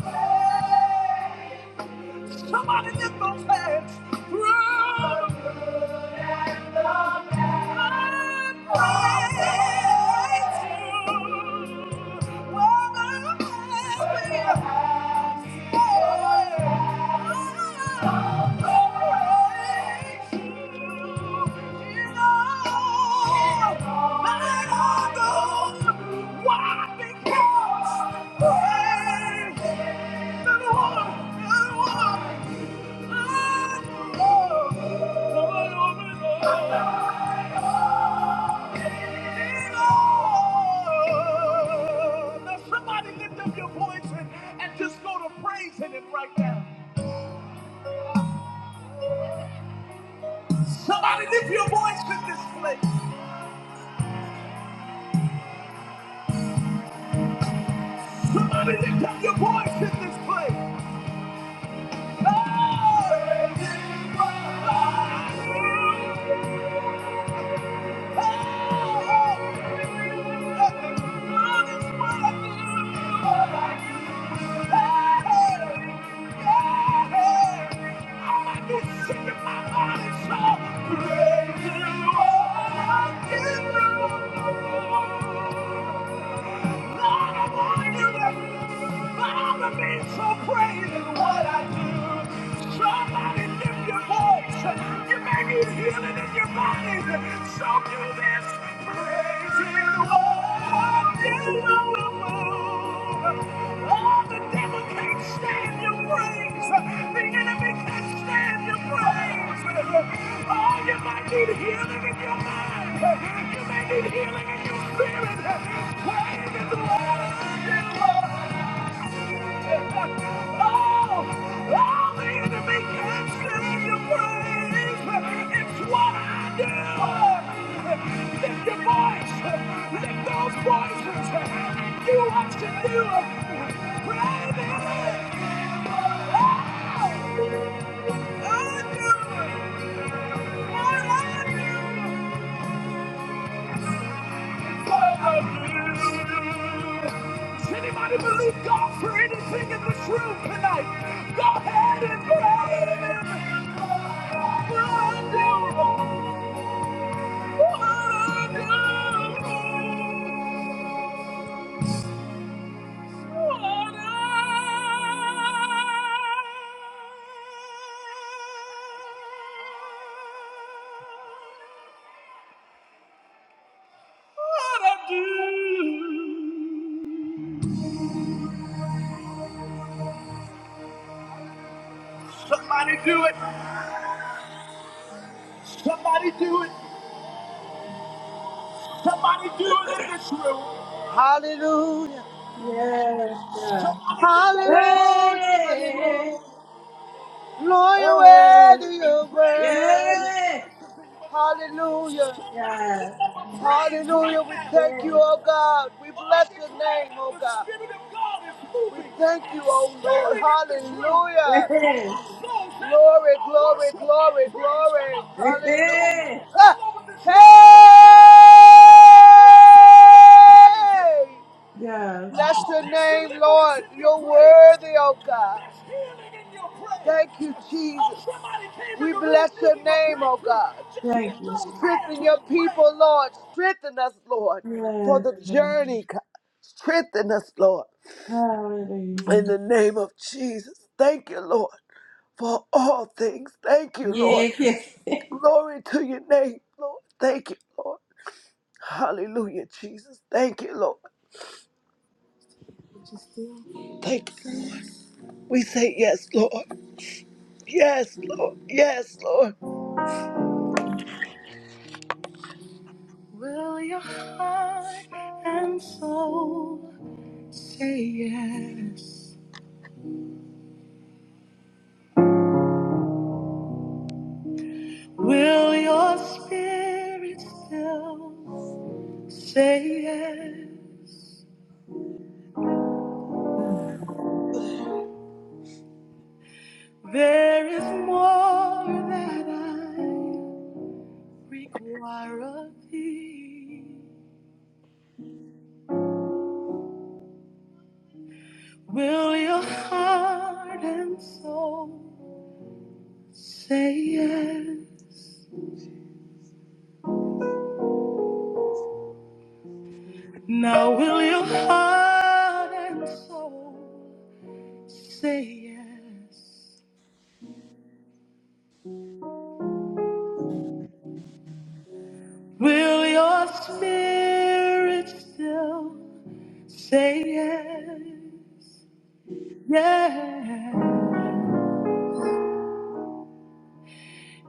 A: praise. Somebody lift those hands. Run. Why? Because praise the Lord, the Lord. Now somebody lift up your voice and, and just go to praising it right now. Somebody lift your voice in this place. Somebody lift up your voice in this place. Oh, Thank you. Lord. Lord, I want you to Father, be so praised in what I do. Somebody lift your voice. You may need healing in your body. So do this. Praise in what you do. All that stands. The enemy can stand your praise. Oh, you might need healing in your mind. You may need healing in your spirit. Praise in what you do. Oh, oh, the enemy can't your praise. It's what I do. Lift your voice. Lift those voices. You want to do it. Praise Oh, I do. I do. Does anybody believe God for anything in this room tonight? Go ahead and pray. Him. What I do. Somebody do it. Somebody do it. Somebody do it in this room. Hallelujah.
B: Yes, God.
A: Hallelujah.
B: Hey!
A: Hallelujah. Lord, you're
B: Oh,
A: worthy, you're worthy.
B: yeah!
A: Hallelujah.
B: Yes,
A: Hallelujah. We thank
B: yes,
A: you, oh God. We bless your name, oh God. We thank you, oh Lord.
B: yes,
A: Hallelujah. Glory, glory, glory, glory.
B: yes,
A: Hallelujah. Ah. Hey!
B: yes.
A: Bless your name, Lord. You're worthy, oh God. Thank you, Jesus. We bless your name, oh God.
B: Thank you.
A: Strengthen your people, Lord. Strengthen us, Lord, for
B: Yes,
A: the
B: yes.
A: journey, God. Strengthen us, Lord,
B: hallelujah.
A: in the name of Jesus. Thank you, Lord, for all things. Thank you, Lord.
B: Yeah, yes.
A: Glory to your name, Lord. Thank you, Lord. Hallelujah, Jesus. Thank you, Lord. Thank you. We say yes, Lord. Yes, Lord. Yes, Lord. And so say yes. Will your spirit still say yes?
B: Mm,
A: There is more that I require of thee. Will your heart and soul say yes? Now will your heart and soul say yes? Will your spirit still? Say yes, yes.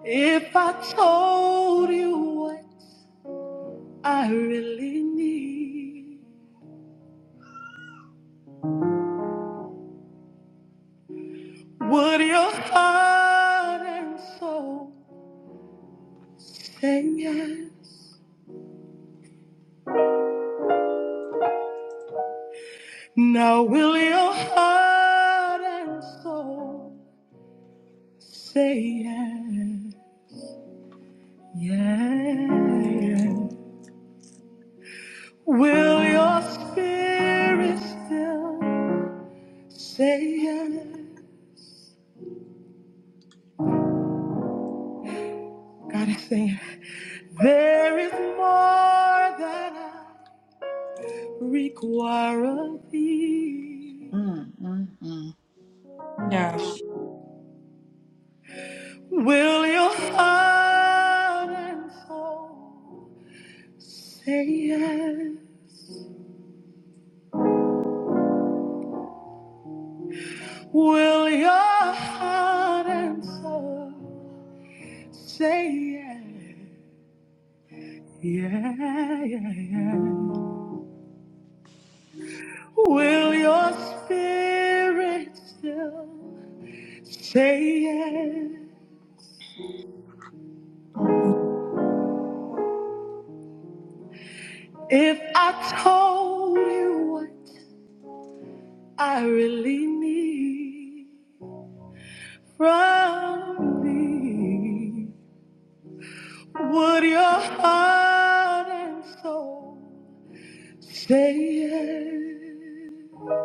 A: If I told you what I really need, would your heart and soul say yes? Now will your heart and soul say yes? yeah. Will your spirit still say yes? God is saying, There is more that I require of thee.
B: mm, mm, mm. Yes.
A: Will your heart and soul say yes? Will your heart and soul say yes? Yeah, yeah, yeah. Will your spirit still say yes?
B: Mm,
A: If I told you what I really need from me, would your heart and soul say yes?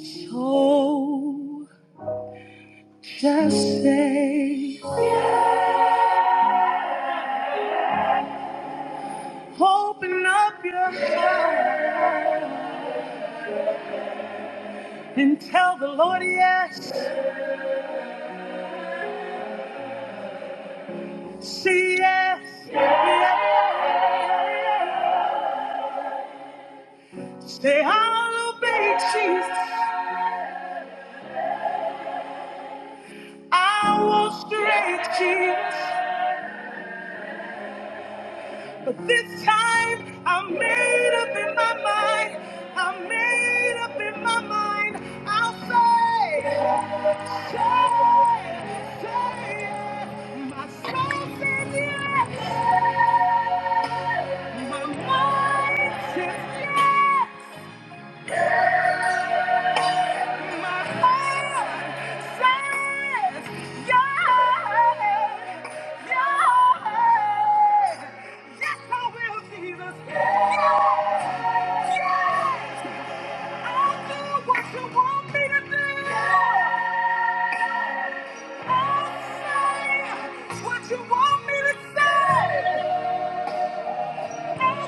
A: So just say, open up your heart and tell the Lord yes, say yes, yes. say I'll obey Jesus. I was straight kids, but this time I made up in my mind. I made up in my mind. I'll say, say, say it. My soul says yes. My mind says yes. What you want me to say?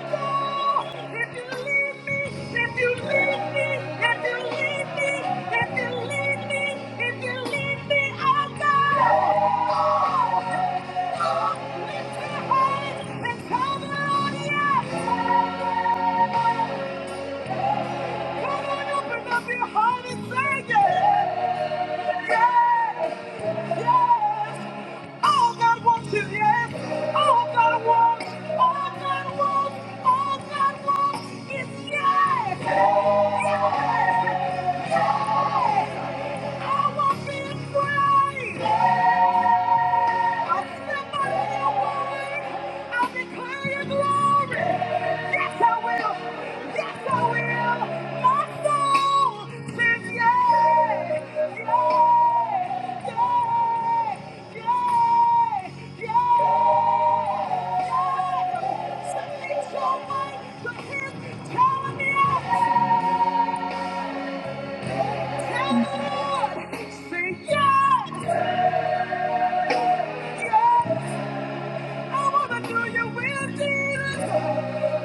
A: Yes! Yes! All God wants is yes. All God wants, all God wants, all God wants is yes. Yes. Yes. I want being free. I step out of your way. I declare your glory. Yes, I will. Yes, I will. My soul says yay. Yay. Yay. Yay. Yay. Something's so right. The hand's telling me I am. Tell the Lord. Say yes. Yes. I wanna do your will, Jesus.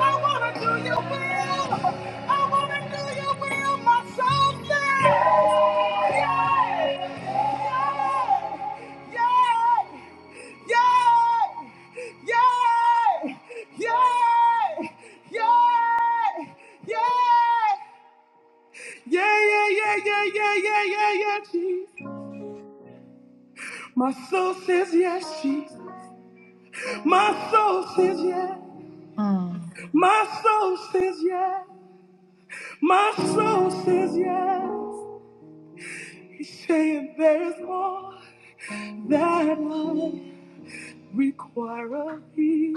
A: I wanna do your will. I wanna do your will, my soul says. Yay! Yay! Yay! Yay! Yay! Yay! Yay! Yeah, yeah, yeah, yeah, yeah, yeah, yeah, yeah, Jesus. My soul says yes, Jesus. My soul says yes.
B: mm.
A: My soul says yes. My soul says yes. He's saying there's more that I require of thee.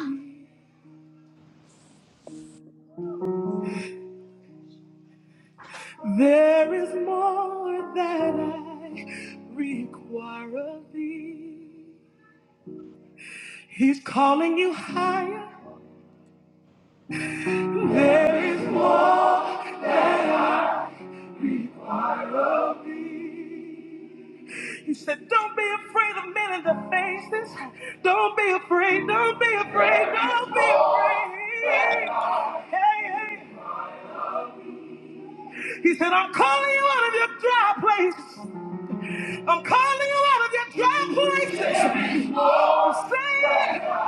A: There is more that I require of thee. He's calling you higher. There is more of thee. He said, Don't be afraid of men in the faces. Don't be afraid. Don't be afraid. Don't be afraid. Hey, hey. He said, I'm calling you out of your dry places. I'm calling you out of your dry places. I'm saying,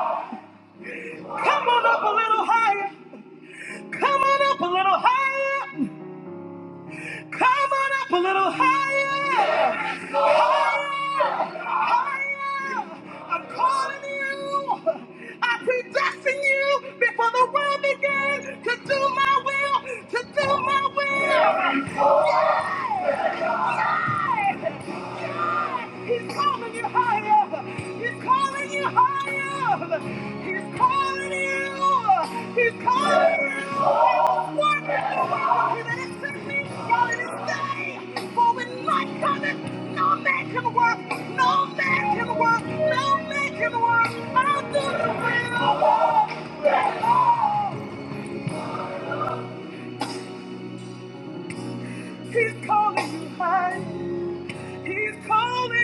A: Come on up a little higher. Come on up a little higher. Come on up a little higher. I'm calling. I predestined you before the world began to do my way. He's calling you high up. He's calling you high up. He's calling you. He's calling you. Work in the world. He that is sick while it is day. For when night cometh, no man can work. No man can work. No man can work. I'll do the will. He's calling you high. He's calling you.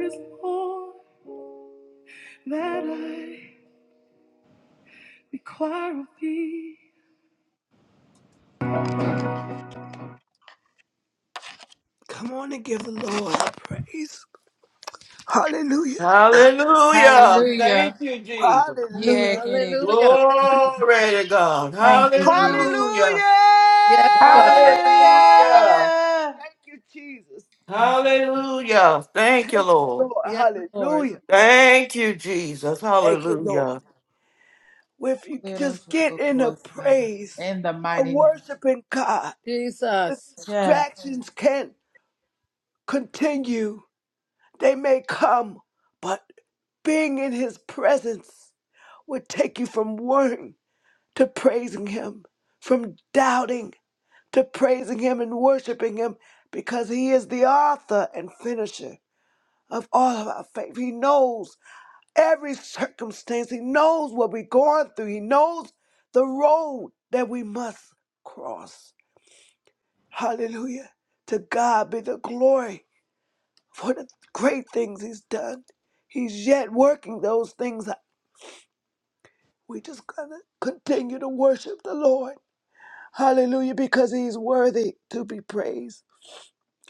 A: Just that I require of thee. Come on and give the Lord praise. Hallelujah.
C: Hallelujah. Thank
B: Hallelujah.
C: you, Jesus.
B: Yeah,
A: Hallelujah.
B: get it.
D: Hallelujah.
C: Glory to God.
B: Thank you, Jesus.
A: Hallelujah.
C: Hallelujah.
D: Yes, God.
C: Hallelujah.
B: Hallelujah.
A: Thank you, Jesus.
B: Thank you.
C: Hallelujah. Thank you,
A: Thank you,
C: Lord.
A: Lord.
D: Yes, Lord.
A: Hallelujah.
C: Thank you, Jesus.
A: Thank you, Lord.
C: Hallelujah.
A: Well, If you
B: Clear those
A: just
B: vocal
A: get in a
B: cords, Father,
A: praise
B: in the
A: of
B: mighty
A: worshiping God, the
D: Jesus.
B: name.
A: distractions can continue. They may come, but being in his presence would take you from worrying to praising Him, from doubting to praising Him and worshiping Him because He is the author and finisher of all of our faith. He knows every circumstance, He knows what we're going through, He knows the road that we must cross. Hallelujah. To God be the glory for the great things He's done. He's yet working those things. out. We just going to continue to worship the Lord Hallelujah, because he's worthy to be praised.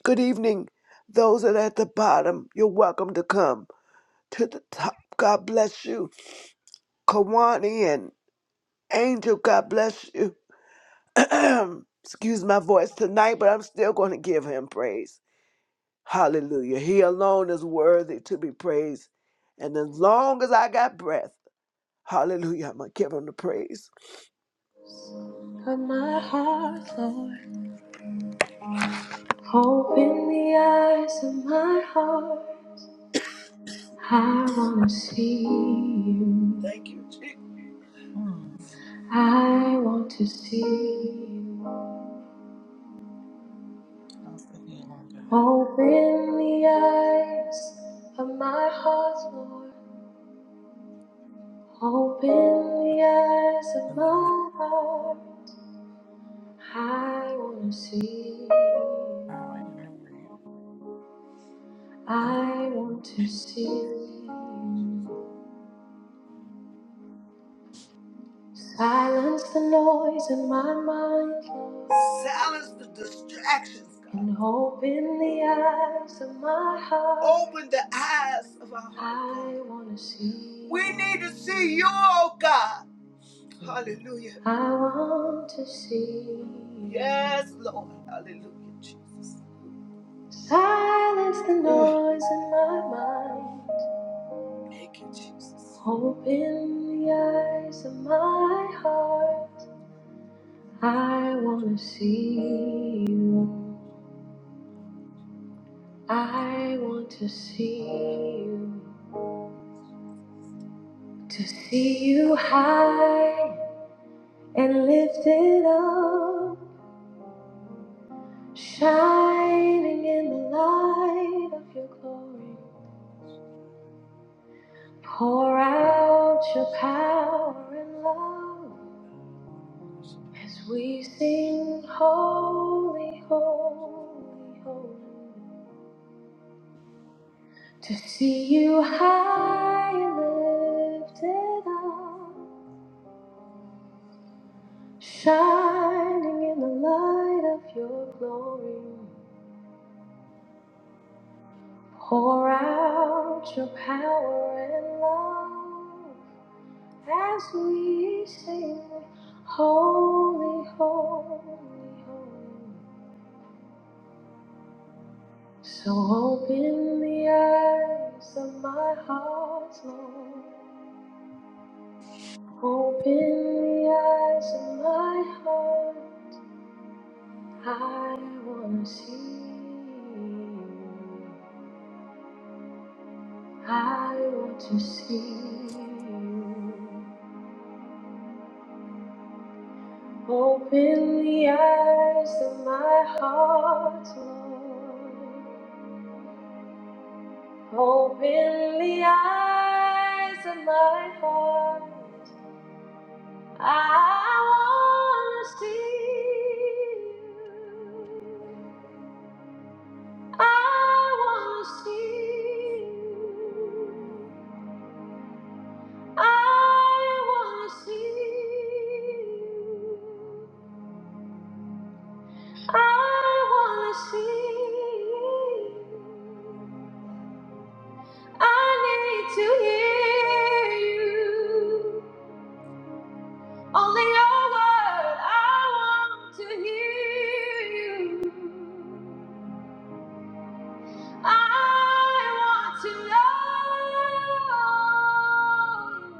A: Good evening, those that are at the bottom. You're welcome to come to the top. God bless you. Kawani and Angel, God bless you. Excuse my voice tonight, but I'm still going to give him praise. Hallelujah. He alone is worthy to be praised. And as long as I got breath, hallelujah, I'm going to give him the praise. Of my heart, Lord, open the eyes of my heart. I want to see you. Thank you, Jesus.
B: Hmm.
A: I want to see you.
B: How's the healing God?
A: Open the eyes of my heart, Lord. Open the eyes of
B: In the my
A: my heart. I want to see you.
B: power and the ribs. And
A: I want to see you. Silence the noise in my mind. Silence the distractions, God. And open the eyes of my heart. Open the eyes of our heart. I want to see. We need to see you, oh God.
B: the
A: Hallelujah. I want to see. Yes, Lord. Hallelujah, Jesus. Silence the Mm. noise in my mind. Thank you, Jesus. Open the eyes of my heart. I want to see you. I want to see you. To see you high and lifted up, shining in the light of your glory. Pour out your power and love as we sing, Holy, Holy, Holy. To see you high and lifted up shining in the light of your glory. Pour out your power and love as we sing, Holy, Holy, Holy. So open the eyes of my heart, Lord. Open the eyes of my heart. I want to see you. I want to see you. Open the eyes of my heart, Lord. Open the eyes of my heart. I want to see you. I want to see you. I want to see you. I wanna see. I need to hear you. Only your word. I want to hear you. I want to know. you.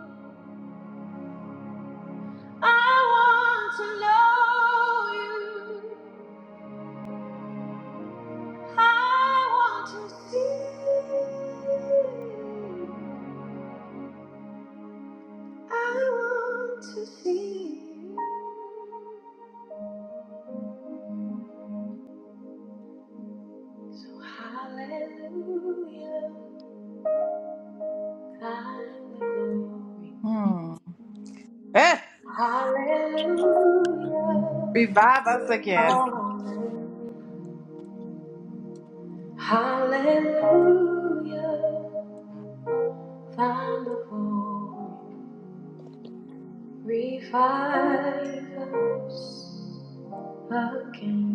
A: I want to know you. I want to see. I want to see you. So hallelujah, thine the glory.
B: mm. Eh!
A: Hallelujah,
B: Revive us again.
A: amen. Hallelujah, thine the glory. Revive us again.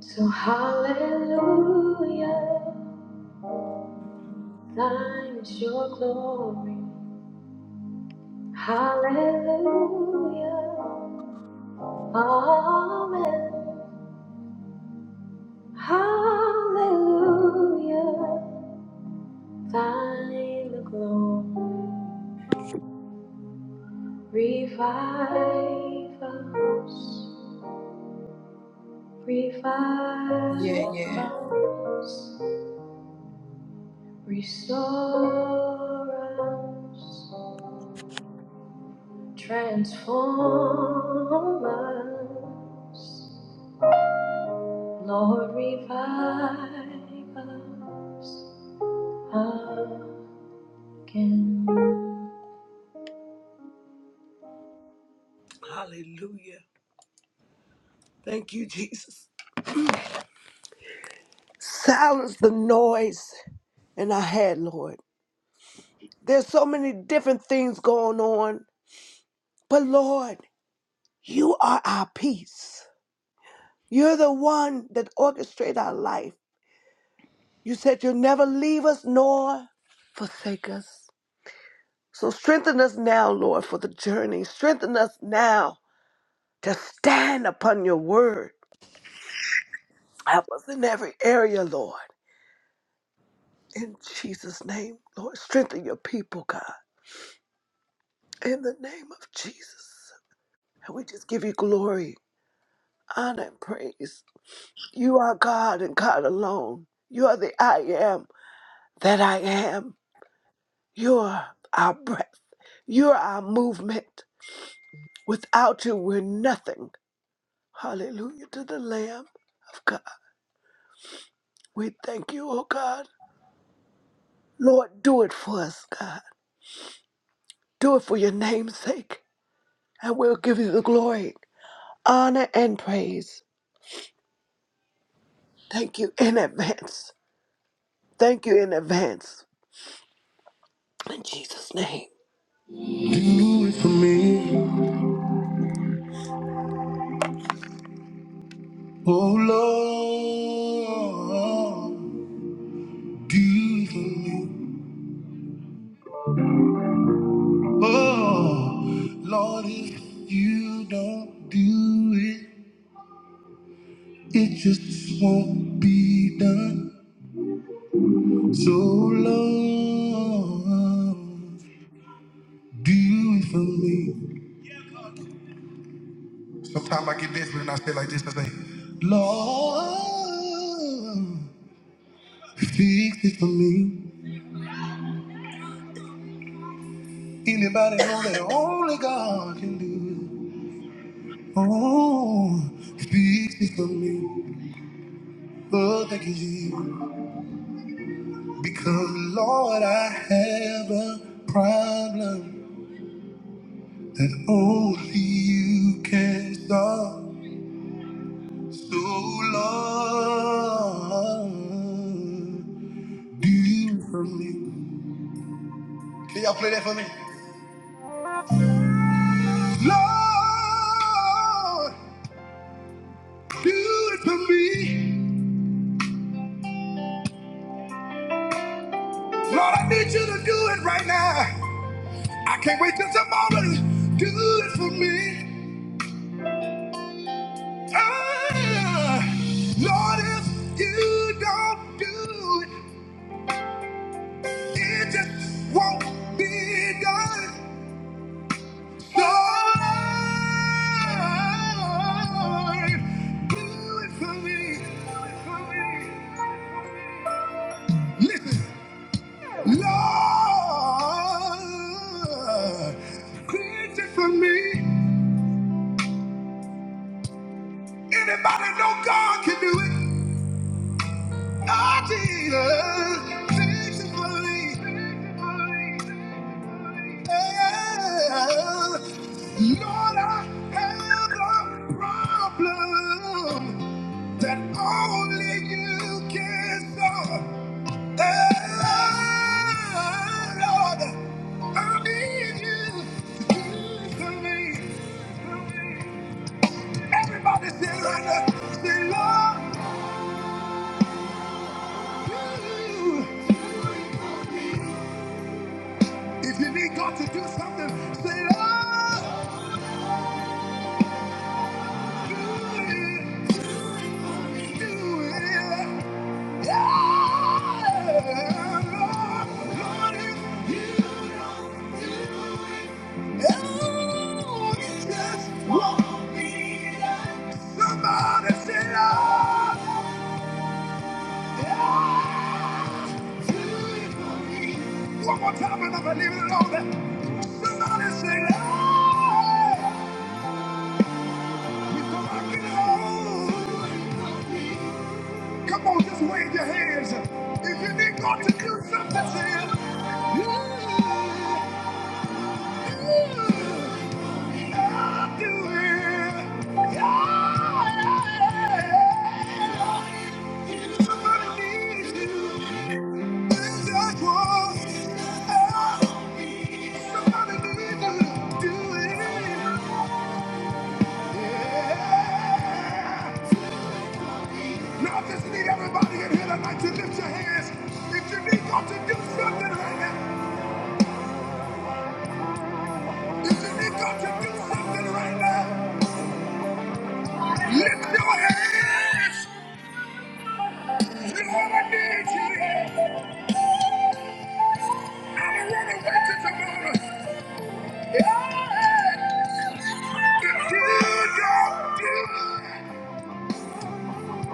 A: So hallelujah, thine is your glory. Hallelujah. Amen. Hallelujah. Thine the glory. Revive us.
B: Yeah,
A: Revive
B: yeah.
A: us. Restore us. Transform us. Lord, revive us again. Hallelujah. Thank you, Jesus. Silence the noise in our head, Lord. There's so many different things going on, but Lord, you are our peace. You're the one that orchestrates our life. You said you'll never leave us nor forsake us. So strengthen us now, Lord, for the journey. Strengthen us now to stand upon your word. Help us in every area, Lord. In Jesus' name, Lord, strengthen your people, God. in the name of Jesus. And we just give you glory, honor, and praise. You are God and God alone. You are the I am that I am. You are our breath. You are our movement. Without you, we're nothing. Hallelujah to the Lamb of God. We thank you, oh God. Lord, do it for us, God. Do it for your name's sake. And we'll give you the glory, honor, and praise. Thank you in advance. Thank you in advance In Jesus' name. Do it for me, oh Lord. Do it for me, oh Lord. If you don't do it, it just won't be done. So Lord, do it for me. Sometimes I get desperate and I say like this. I say, Lord, fix it for me. Anybody know that only God can do it? Oh, speak me from me. Lord, thank you, Jesus. Because, Lord, I have a problem that only you can solve. So, Lord, do it for me. Can y'all play that for me? Lord, do it for me. Lord, I need you to do it right now. I can't wait till tomorrow to do it for me. Ah, Lord, if you don't do it, it just won't be done. Lord, do it for me. For me. Listen, Lord, do it for me. Anybody know God can do it? I did it Thanks for me, Yeah. Lord, I have a problem that only you can solve. Yeah, Lord, I need you to do it for me. Everybody say right now, say, Lord, you. If you need God to do something, say, Lord, do it, do it. Yeah, Lord, Lord, if you don't do it, oh, you just want me to-" Somebody say, Lord, yeah, do it for me. One more time, and I believe it, Lord. Somebody say, Lord. Come on, just wave your hands. If you need God to do something, say it. I'll do it. Yeah. yeah, yeah. Somebody needs you. And that's what Somebody needs to do it. Yeah. Now I just need everybody in here tonight to lift your hands. If you need God to do something right now, if you need God to do something right now, lift your hands. Lord, I need you here. I'm running away to wait till tomorrow. Yeah. If you don't do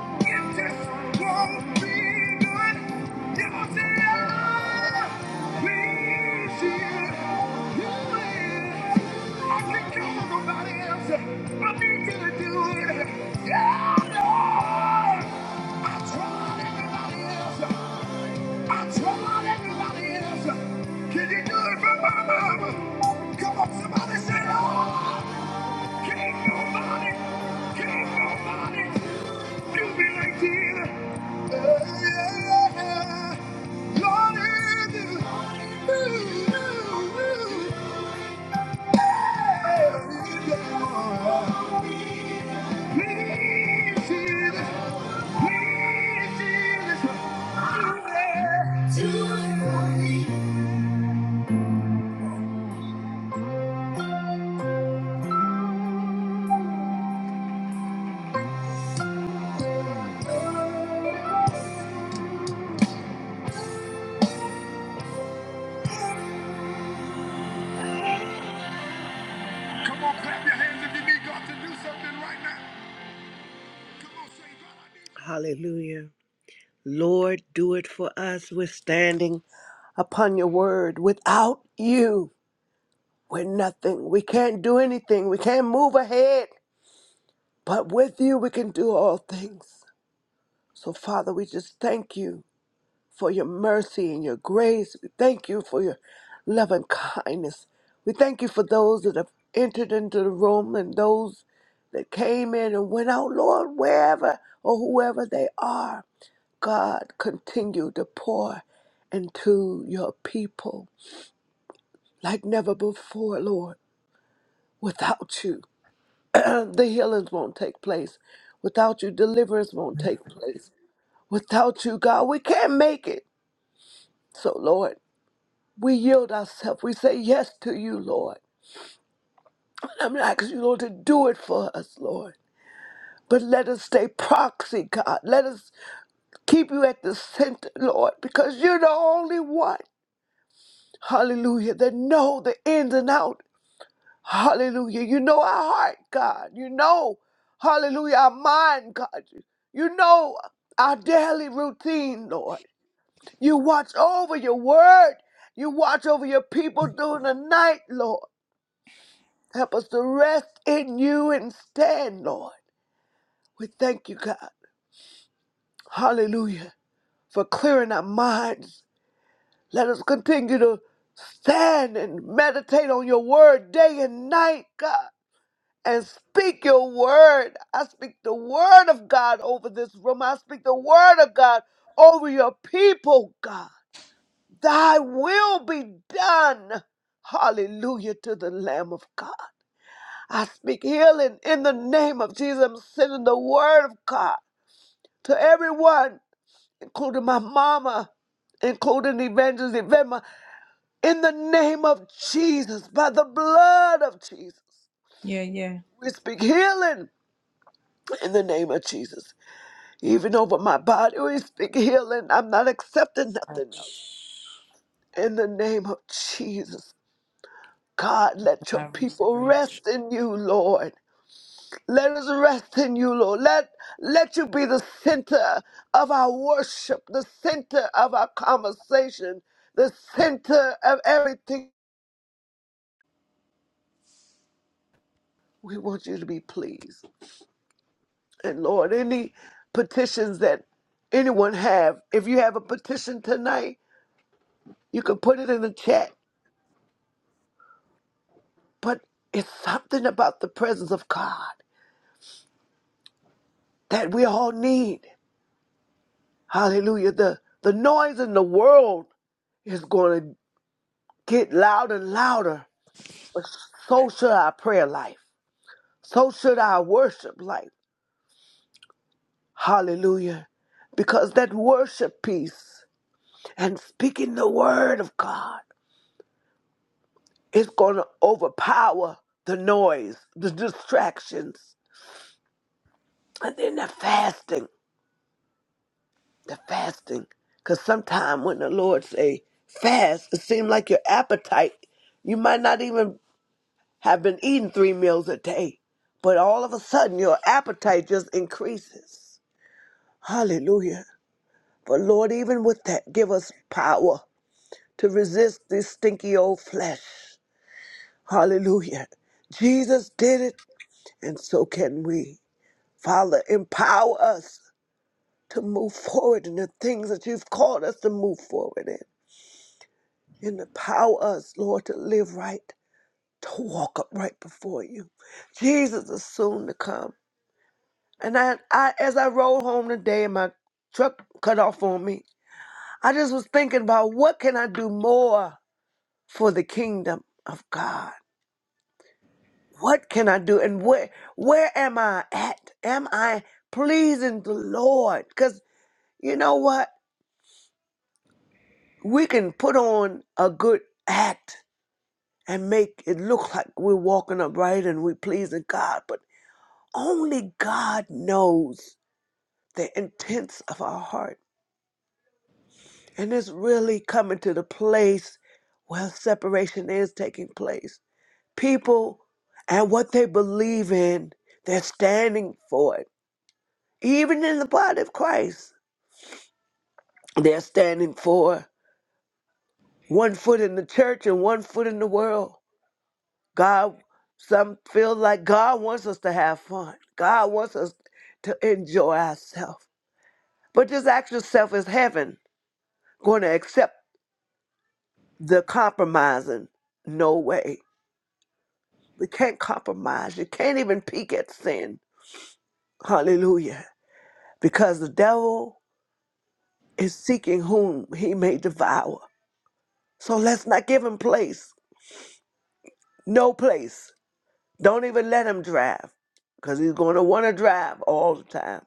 A: It just won't be good. You see, I please you. You I can't count nobody else. I need you to do it. Yeah, Lord. I tried everybody else. I tried everybody else. Can you do it for my mama? Come on, somebody say, Lord. Can't nobody, can't nobody right Yeah. right Hallelujah. Lord, do it for us. We're standing upon your word. Without you. We're nothing. We can't do anything. We can't move ahead. But with you, we can do all things. So, Father, we just thank you for your mercy and your grace. We thank you for your love and kindness. We thank you for those that have entered into the room and those that came in and went out, Lord, wherever or whoever they are. God, continue to pour into your people like never before, Lord. Without you. Uh, the healings won't take place. Without you, deliverance won't take place. Without you, God, we can't make it. So, Lord, we yield ourselves. We say yes to you, Lord. I'm not asking you, Lord, to do it for us, Lord. But let us stay proxy, God. Let us keep you at the center, Lord, because you're the only one, hallelujah, that know the ins and out. Hallelujah. You know our heart, God. You know, hallelujah, our mind, God. You know our daily routine, Lord. You watch over your word. You watch over your people during the night, Lord. Help us to rest in you and stand, Lord. We thank you, God. Hallelujah. For clearing our minds. Let us continue to stand and meditate on your word day and night, God. and speak your word. I speak the word of God over this room. I speak the word of God over your people, God. Thy will be done. Hallelujah to the Lamb of God. I speak healing in the name of Jesus. I'm sending the word of God to everyone, including my mama, including Evangelist Evema, in the name of Jesus, by the blood of Jesus.
B: Yeah, yeah.
A: We speak healing in the name of Jesus. Even over my body, we speak healing. I'm not accepting nothing else.
B: Touch.
A: In the name of Jesus, God, let your
B: Thy
A: people
B: restoration.
A: rest in you, Lord. Let us rest in you, Lord. Let, let you be the center of our worship, the center of our conversation, the center of everything. We want you to be pleased. And Lord, any petitions that anyone have, if you have a petition tonight, you can put it in the chat But it's something about the presence of God that we all need. Hallelujah. The the noise in the world is going to get louder and louder. But so should our prayer life. So should our worship life. Hallelujah. Because that worship piece and speaking the word of God is going to overpower the noise, the distractions, and then the fasting. the fasting. Because sometimes when the Lord say fast, it seems like your appetite, you might not even have been eating three meals a day. But all of a sudden, your appetite just increases. Hallelujah. But Lord, even with that, give us power to resist this stinky old flesh. Hallelujah. Jesus did it, and so can we. Father, empower us to move forward in the things that you've called us to move forward in. and empower us, Lord, to live right, to walk up right before you. Jesus is soon to come. And I, I as I rode home today and my truck cut off on me, I just was thinking about what can I do more for the kingdom of God? What can I do? And where where am I at? Am I pleasing the Lord? Because you know what? We can put on a good act and make it look like we're walking upright and we're pleasing God, but Only God knows the intents of our heart. And it's really coming to the place where separation is taking place. People and what they believe in, they're standing for it. Even in the body of Christ, they're standing for one foot in the church and one foot in the world. God, some feel like God wants us to have fun, God wants us to enjoy ourselves. But this actual self is heaven going to accept. the compromising. No way. We can't compromise. You can't even peek at sin. Hallelujah. Because the devil is seeking whom he may devour. So let's not give him place. No place. Don't even let him drive because he's going to want to drive all the time.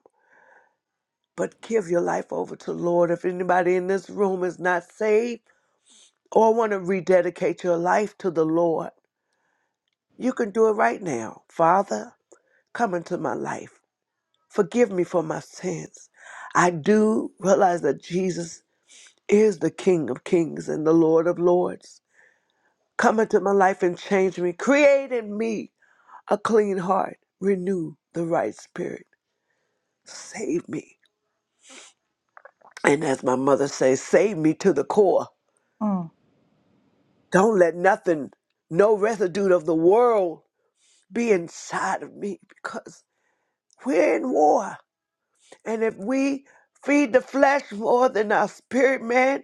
A: But give your life over to the Lord. If anybody in this room is not saved or want to rededicate your life to the Lord, you can do it right now. Father, come into my life. Forgive me for my sins. I do realize that Jesus is the King of kings and the Lord of lords. Come into my life and change me. Create in me a clean heart. Renew the right spirit. Save me. And as my mother says, save me to the core.
B: Mm.
A: Don't let nothing, no residue of the world be inside of me because we're in war. And if we feed the flesh more than our spirit, man,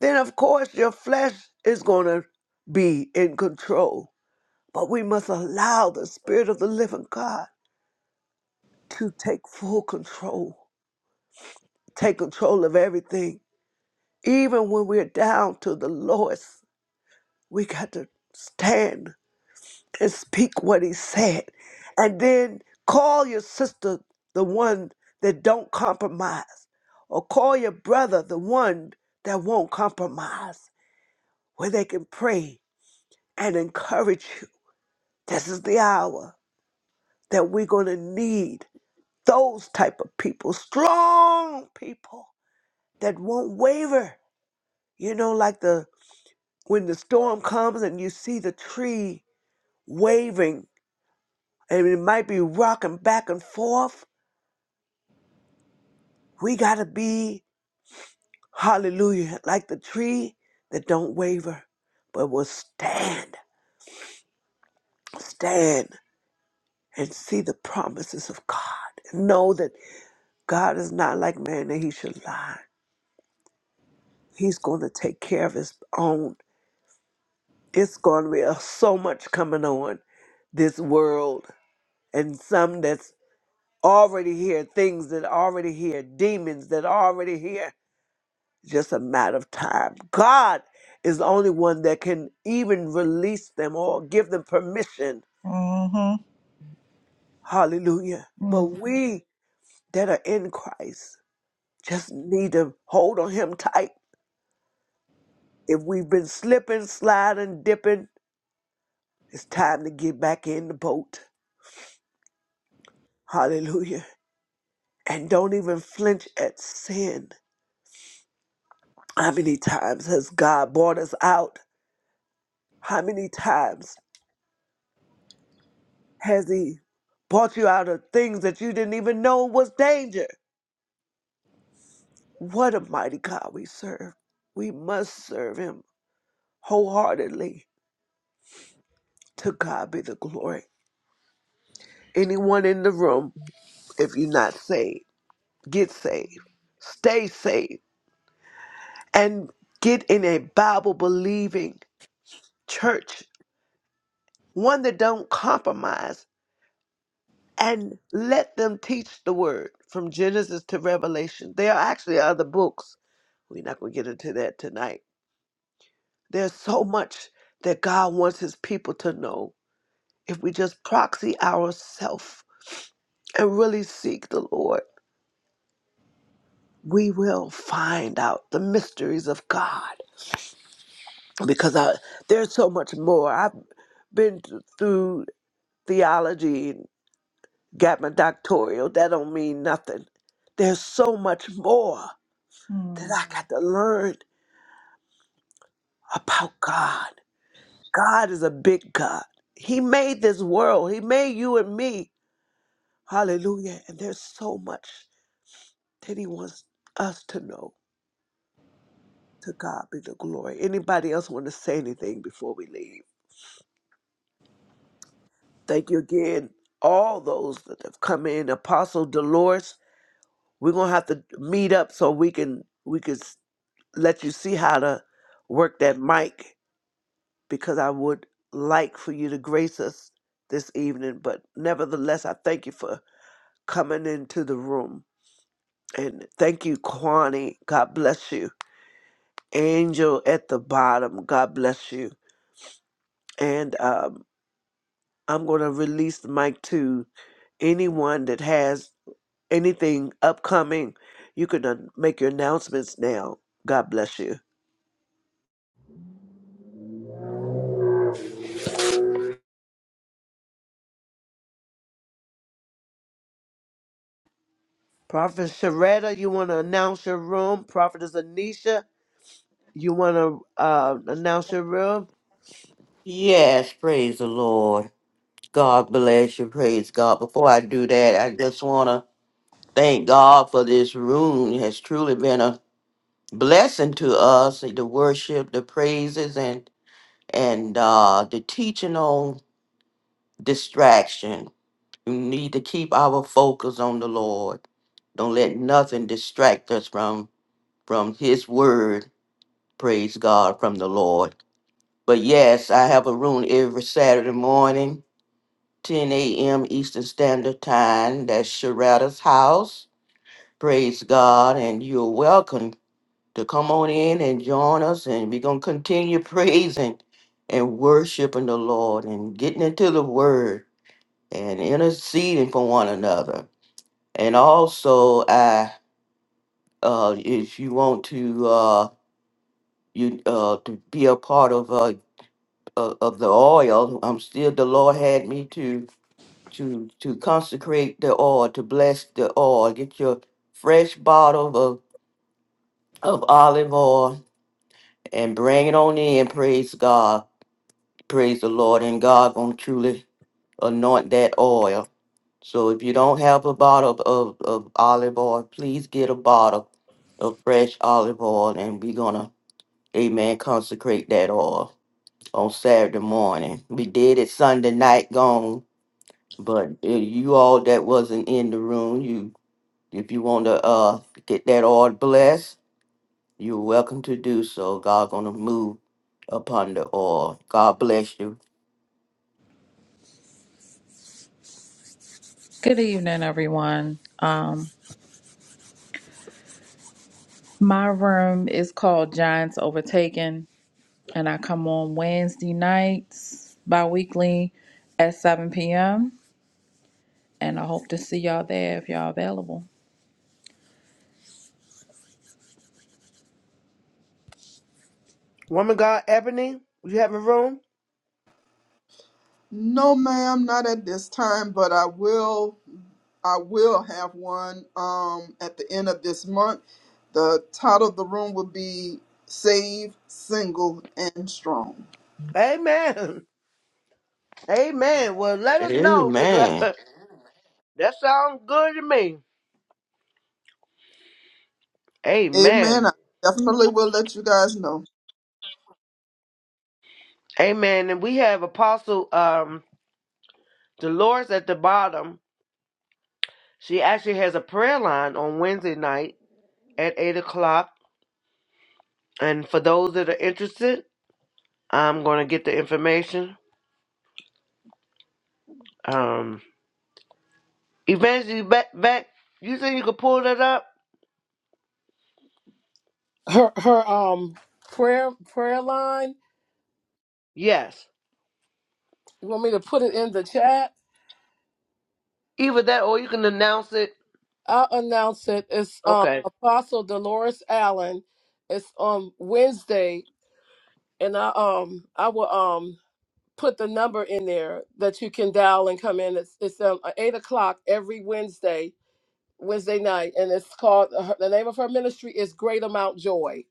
A: then of course your flesh is going to be in control. But we must allow the Spirit of the living God to take full control, take control of everything. Even when we're down to the lowest, we got to stand and speak what He said. And then call your sister the one that don't compromise, or call your brother the one that won't compromise, where they can pray and encourage you This is the hour that we're going to need those type of people, strong people that won't waver. You know, like the when the storm comes and you see the tree waving and it might be rocking back and forth. We got to be hallelujah, like the tree that don't waver, but will stand, stand and see the promises of God. Know that God is not like man that he should lie He's going to take care of his own. It's going to be uh, so much coming on this world, and some that's already here, things that are already here, demons that are already here. Just a matter of time. God is the only one that can even release them or give them permission.
B: Mm-hmm.
A: Hallelujah. But
B: Mm.
A: we that are in Christ just need to hold on Him tight. If we've been slipping, sliding, dipping, it's time to get back in the boat. Hallelujah. And don't even flinch at sin. How many times has God brought us out? How many times has He brought you out of things that you didn't even know was danger? What a mighty God we serve. We must serve Him wholeheartedly. To God be the glory. Anyone in the room, if you're not saved, get saved, stay saved, and get in a Bible believing church, one that don't compromise and let them teach the word from Genesis to Revelation. There are actually other books. We're not going to get into that tonight. There's so much that God wants his people to know. If we just proxy ourselves and really seek the Lord, we will find out the mysteries of God because I, there's so much more. I've been th- through theology and got my doctoral. That don't mean nothing. There's so much more that
B: Mm.
A: I got to learn about God. God is a big God. He made this world, He made you and me. Hallelujah. And there's so much that He wants us to know. To God be the glory. Anybody else want to say anything before we leave? Thank you again, all those that have come in. Apostle Dolores, we're gonna have to meet up so we can we can s- let you see how to work that mic because I would like for you to grace us this evening. But nevertheless, I thank you for coming into the room. And thank you, Kwani. God bless you. Angel at the bottom. God bless you. And um, I'm going to release the mic to anyone that has anything upcoming. You can uh, make your announcements now. God bless you. Prophet Sharetta, you want to announce your room? Prophetess Anisha, you want to uh, announce your room?
C: Yes, praise the Lord. God bless you. Praise God. Before I do that, I just want to Thank God for this room. It has truly been a blessing to us. The worship, the praises, and and uh, the teaching on distraction. We need to keep our focus on the Lord. Don't let nothing distract us from from His Word. Praise God from the Lord. But yes, I have a room every Saturday morning, 10 a.m. Eastern Standard Time. That's Sharada's house. Praise God, and you're welcome to come on in and join us and we're going to continue praising and worshiping the lord and getting into the word and interceding for one another and also i uh if you want to uh you uh to be a part of uh uh, of the oil i'm still the lord had me to to to consecrate the oil to bless the oil get your fresh bottle of of olive oil and bring it on in praise god Praise the Lord, and God gonna truly anoint that oil. So if you don't have a bottle of, of olive oil, please get a bottle of fresh olive oil, and we're gonna, amen, consecrate that oil on Saturday morning. We did it Sunday night gone, but uh, you all that wasn't in the room, you if you want to uh get that oil blessed, you're welcome to do so. God gonna move upon the oil. God bless you.
B: Good evening, everyone. Um, my room is called Giants Overtaken, and I come on Wednesday nights bi weekly at 7 p.m. And I hope to see y'all there if y'all available.
A: Woman God Ebony, you have a room?
E: No, ma'am, not at this time, but I will I will have one um at the end of this month. The title of the room will be Save, Single, and Strong.
A: Amen. Amen. Well, let us know because uh,
C: Amen.
A: that sounds good to me.
E: Amen.
A: Amen.
E: I definitely will let you guys know.
A: Amen. And we have Apostle um, Dolores at the bottom. She actually has a prayer line on Wednesday night at 8 o'clock. And for those that are interested, I'm going to get the information. Um, Evangeline back, back, you said you could pull that up?
D: her her um prayer prayer line.
A: Yes.
D: You want me to put it in the chat?
A: Either that or you can announce it.
D: I'll announce it. It's um
A: Okay.
D: Apostle Dolores Allen. It's on Wednesday, and I um I will um put the number in there that you can dial and come in. It's it's um eight o'clock every Wednesday Wednesday night, and it's called her, the name of her ministry is Great Amount Joy.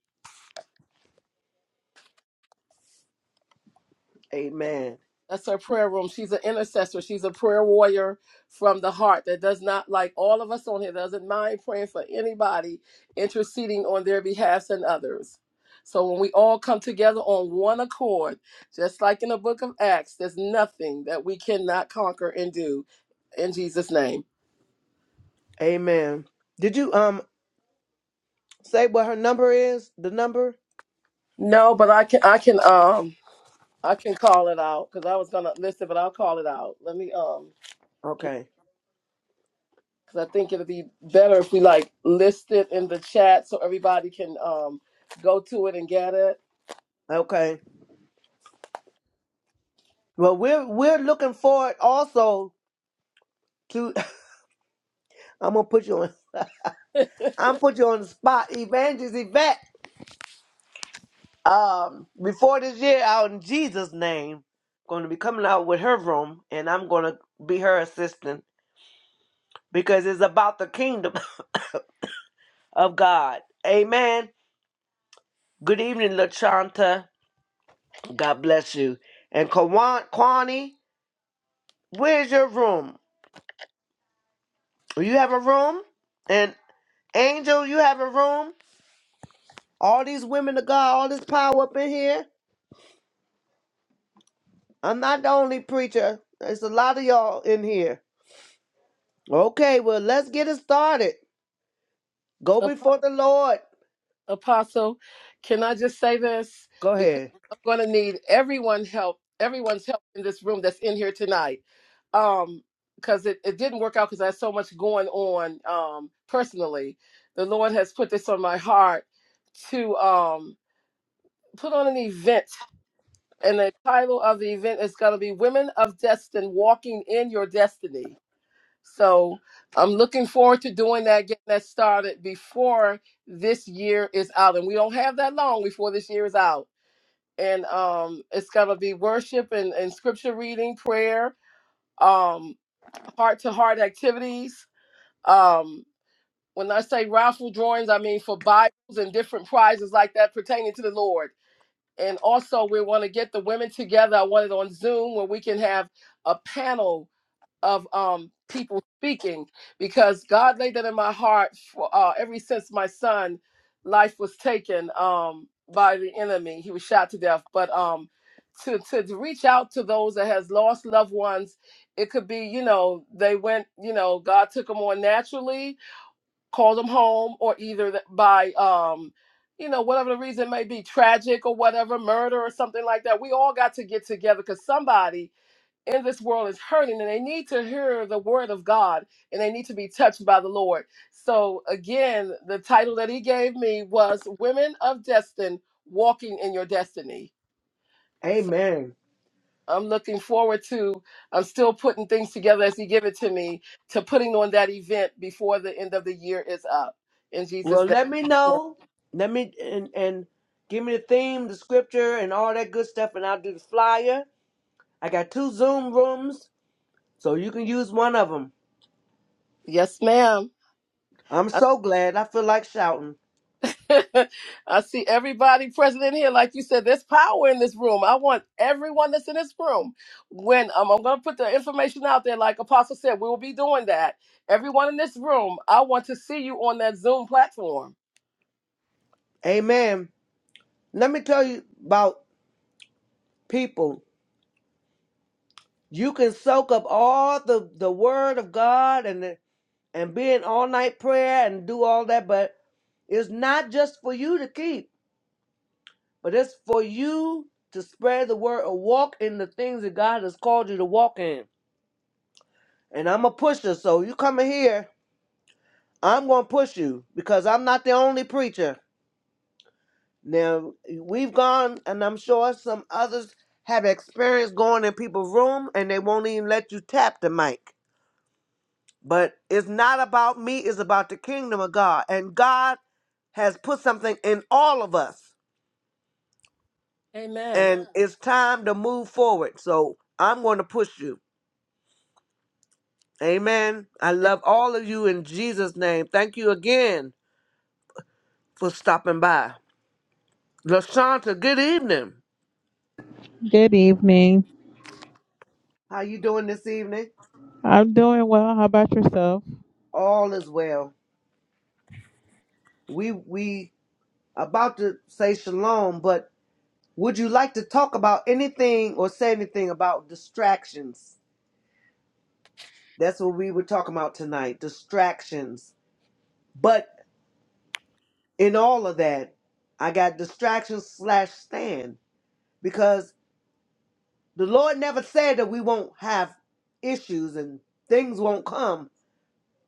A: Amen.
D: That's her prayer room. She's an intercessor. She's a prayer warrior from the heart that does not, like all of us on here, doesn't mind praying for anybody, interceding on their behalfs and others. So when we all come together on one accord, just like in the book of Acts, there's nothing that we cannot conquer and do in Jesus' name.
A: Amen. Did you um say what her number is? The number?
D: No, but I can I can um I can call it out because I was gonna listen, but I'll call it out. Let me um
A: Okay.
D: because I think it'll be better if we like list it in the chat so everybody can um go to it and get it.
A: Okay. Well, we're we're looking forward also to. I'm gonna put you on. I'm put you on the spot, Evangelist Yvette. Um, before this year, out in Jesus' name, going to be coming out with her room, and I'm going to be her assistant because it's about the kingdom of God. Amen. Good evening, Lachanta. God bless you. And Kawan Kwani, where's your room? You have a room, and Angel, you have a room. All these women of God, all this power up in here. I'm not the only preacher. There's a lot of y'all in here. Okay, well, let's get it started. Go
D: Ap-
A: before the Lord.
D: Apostle, can I just say this
A: Go
D: because
A: ahead.
D: I'm going to need everyone help, everyone's help in this room that's in here tonight, um, because it, it didn't work out because I had so much going on um personally. The Lord has put this on my heart to um put on an event and the title of the event is going to be women of destiny walking in your destiny So I'm looking forward to doing that, getting that started before this year is out. And we don't have that long before this year is out. And um, it's going to be worship and, and scripture reading, prayer, um, heart to heart activities. Um, when I say raffle drawings, I mean for Bibles and different prizes like that pertaining to the Lord. And also, we want to get the women together. I want it on Zoom where we can have a panel of um people speaking because God laid that in my heart for uh ever since my son life was taken um by the enemy. He was shot to death. But um to, to to reach out to those that has lost loved ones, it could be, you know, they went, you know, God took them on naturally, called them home, or either th- by um you know, whatever the reason may be, tragic or whatever, murder or something like that. We all got to get together because somebody in this world is hurting and they need to hear the word of God and they need to be touched by the Lord. So, again, the title that he gave me was Women of Destin Walking in Your Destiny. So,
A: Amen.
D: I'm looking forward to, I'm still putting things together as he give it to me, to putting on that event before the end of the year is up. In Jesus'
A: Well, let me
D: name.
A: know. Let me and and give me the theme, the scripture, and all that good stuff, and I'll do the flyer. I got two Zoom rooms, so you can use one of them.
D: Yes, ma'am.
A: I'm so glad. I feel like shouting.
D: I see everybody present in here. Like you said, there's power in this room. I want everyone that's in this room. When um, I'm going to put the information out there, like Apostle said, we will be doing that. Everyone in this room, I want to see you on that Zoom platform.
A: Amen. Let me tell you about people. You can soak up all the the word of God and the, and be in all night prayer and do all that, but it's not just for you to keep, but it's for you to spread the word or walk in the things that God has called you to walk in. And I'm a pusher, so you come in here, I'm going to push you because I'm not the only preacher. Now, we've gone, and I'm sure some others have experienced going in people's room and they won't even let you tap the mic. But it's not about me, it's about the kingdom of God. And God has put something in all of us.
D: Amen.
A: And Yeah. it's time to move forward. So I'm going to push you. Amen. I love all of you in Jesus' name. Thank you again for stopping by. Lashanta, good evening.
F: Good evening.
A: How you doing this evening?
F: I'm doing well. How about yourself?
A: All is well. We we about to say shalom, but would you like to talk about anything or say anything about distractions? That's what we were talking about tonight distractions. But in all of that, I got distractions slash stand because the Lord never said that we won't have issues and things won't come.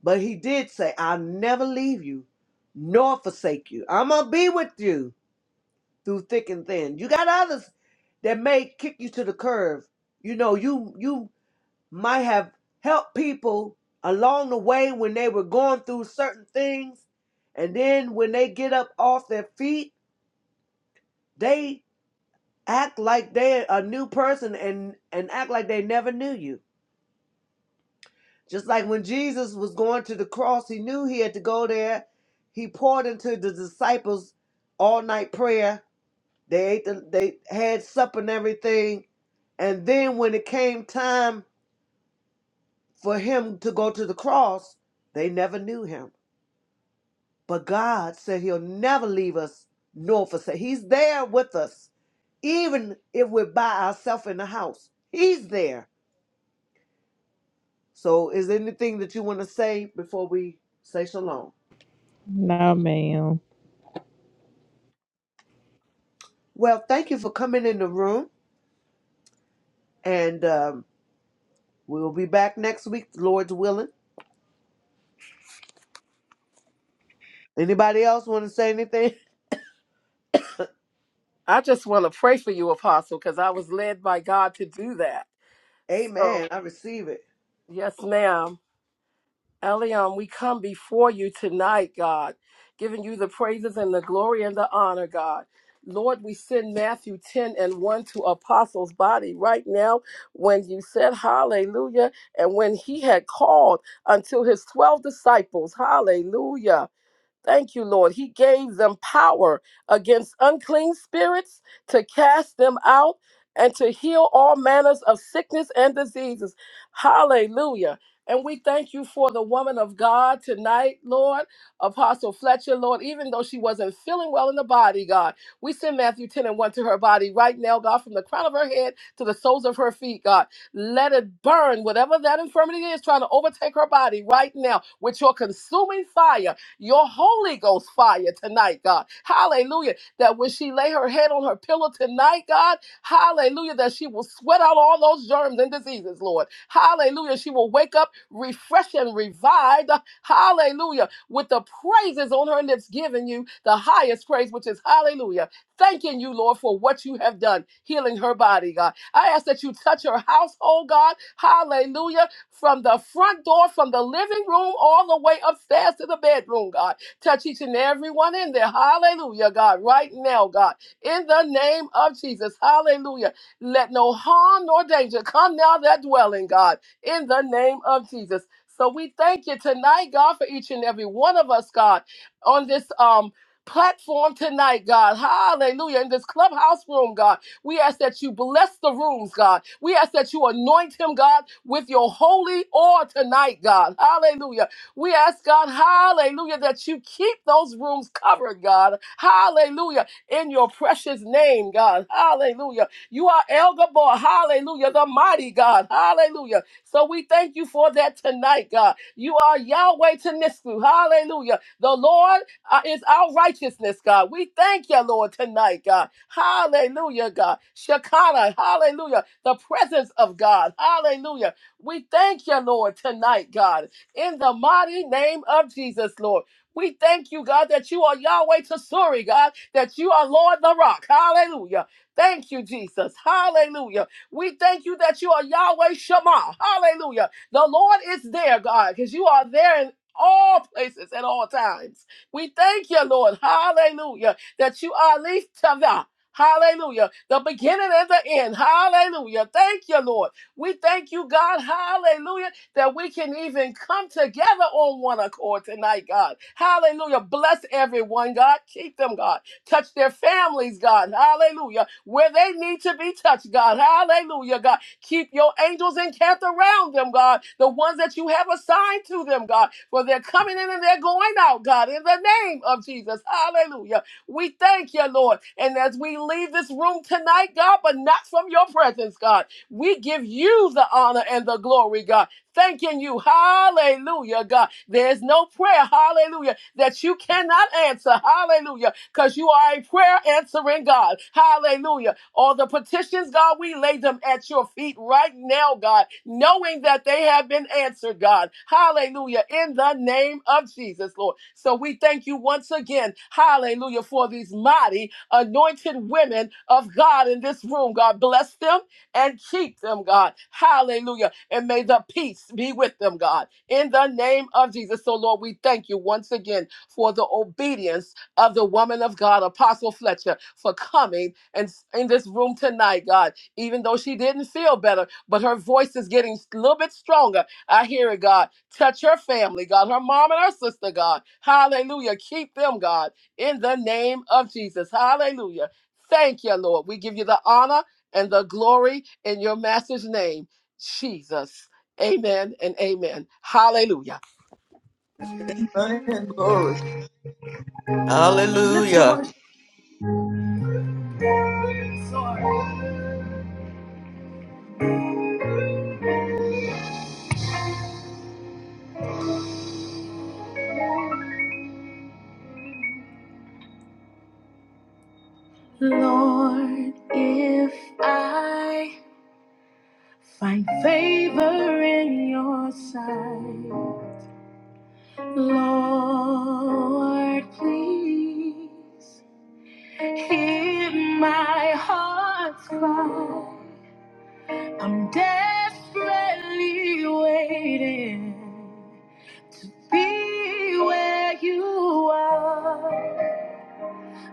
A: But He did say, I'll never leave you nor forsake you. I'm going to be with you through thick and thin. You got others that may kick you to the curb. You know, you you might have helped people along the way when they were going through certain things. And then when they get up off their feet, they act like they're a new person and, and act like they never knew you. Just like when Jesus was going to the cross, he knew he had to go there. He poured into the disciples all night prayer. They ate the, they had supper and everything. And then when it came time for him to go to the cross, they never knew him But God said He'll never leave us nor forsake. He's there with us, even if we're by ourselves in the house. He's there. So, is there anything that you want to say before we say shalom?
F: No, ma'am.
A: Well, thank you for coming in the room, and um, we'll be back next week, Lord's willing. Anybody else want to say anything?
D: I just want to pray for you, Apostle, because I was led by God to do that. So,
A: Amen. I receive it.
D: yes, ma'am. Elion, we come before you tonight, God, giving you the praises and the glory and the honor, God. Lord, we send Matthew 10 and 1 to Apostles' body right now when you said hallelujah and when he had called until his 12 disciples, hallelujah. Thank you, Lord. He gave them power against unclean spirits to cast them out and to heal all manners of sickness and diseases. Hallelujah. And we thank you for the woman of God tonight, Lord, Apostle Fletcher, Lord, even though she wasn't feeling well in the body, God. We send Matthew 10 and 1 to her body right now, God, from the crown of her head to the soles of her feet, God. Let it burn, whatever that infirmity is trying to overtake her body right now with your consuming fire your Holy Ghost fire tonight, God. Hallelujah. That when she lay her head on her pillow tonight, God, hallelujah, that she will sweat out all those germs and diseases, Lord. Hallelujah. She will wake up refreshed and revived. Hallelujah. With the praises on her lips, giving you the highest praise, which is hallelujah. Thanking you, Lord, for what you have done, healing her body, God. I ask that you touch her household, God. Hallelujah from the front door, from the living room, all the way upstairs to the bedroom, God. Touch each and every one in there. Hallelujah, God. Right now, God. In the name of Jesus. Hallelujah. Let no harm nor danger come now that dwelling, God. In the name of Jesus. So we thank you tonight, God, for each and every one of us, God, on this um platform tonight, God. Hallelujah. In this clubhouse room, God. We ask that you bless the rooms, God. We ask that you anoint him, God, with your holy oil tonight, God. Hallelujah. We ask, God, hallelujah, that you keep those rooms covered, God. Hallelujah. In your precious name, God. Hallelujah. You are El Gabor. Hallelujah. The mighty God. Hallelujah. So we thank you for that tonight, God. You are Yahweh Tanisku. Hallelujah. The Lord uh, is our righteousness, God. We thank you, Lord, tonight, God. Hallelujah, God. Shekinah. Hallelujah. The presence of God. Hallelujah. We thank you, Lord, tonight, God, in the mighty name of Jesus, Lord. We thank you, God, that you are Yahweh Tesuri, God, that you are Lord the Rock. Hallelujah. Thank you, Jesus. Hallelujah. We thank you that you are Yahweh Shema. Hallelujah. The Lord is there, God, because you are there in all places at all times. We thank you, Lord. Hallelujah. That you are Leaf Tava. Hallelujah. The beginning and the end. Hallelujah. Thank you, Lord. We thank you, God. Hallelujah. That we can even come together on one accord tonight, God. Hallelujah. Bless everyone, God. Keep them, God. Touch their families, God. Hallelujah. Where they need to be touched, God. Hallelujah, God. Keep your angels encamped around them, God. The ones that you have assigned to them, God. For they're coming in and they're going out, God. In the name of Jesus. Hallelujah. We thank you, Lord. And as we leave this room tonight, God, but not from your presence, God, we give you the honor and the glory, God. Thanking you, hallelujah, God. There's no prayer, hallelujah, that you cannot answer, hallelujah, because you are a prayer answering God, hallelujah. All the petitions, God, we lay them at your feet right now, God, knowing that they have been answered, God. Hallelujah. In the name of Jesus, Lord. So we thank you once again, hallelujah, for these mighty anointed women of God in this room, God. Bless them and keep them, God. Hallelujah. And may the peace be with them, God. In the name of Jesus. So, Lord, we thank you once again for the obedience of the woman of God, Apostle Fletcher, for coming and s- in this room tonight, God. Even though she didn't feel better, but her voice is getting a little bit stronger. I hear it, God. Touch her family, God, her mom and her sister, God. Hallelujah. Keep them, God, in the name of Jesus. Hallelujah. Thank you, Lord. We give you the honor and the glory in your master's name, Jesus. Amen and amen. Hallelujah.
E: Amen. Glory.
C: Hallelujah.
A: Lord, if I find favor in your sight. Lord, please hear my heart's cry. I'm desperately waiting to be where you are.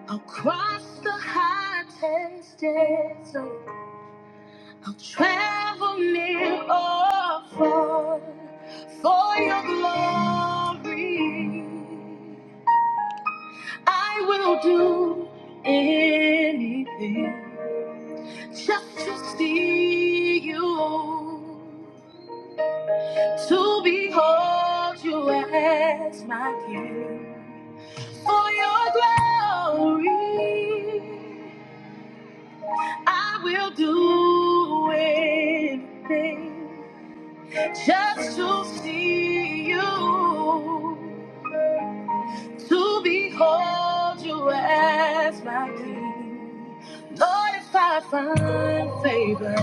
A: I'll cross the hottest desert. I'll travel near or far for your glory. I will do anything just to see you, to behold you as my king. For your glory, I will do anything just to see you. to behold you as my king. Lord, if I find favor,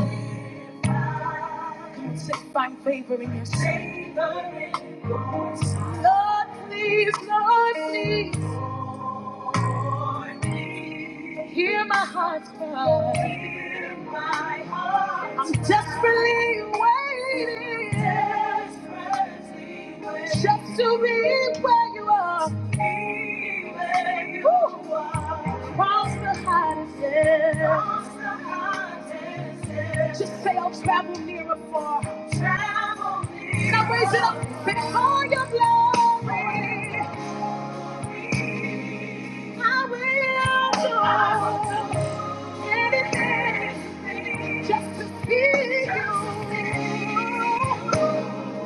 A: come on, say, find favor in your sight. Lord, please, Lord, please, hear my heart. I'm desperately waiting just to be where you are. Ooh. Cross the hottest, yeah. Just say I'll travel near or far. Now raise it up. Because all your glory, I will do anything just to see you.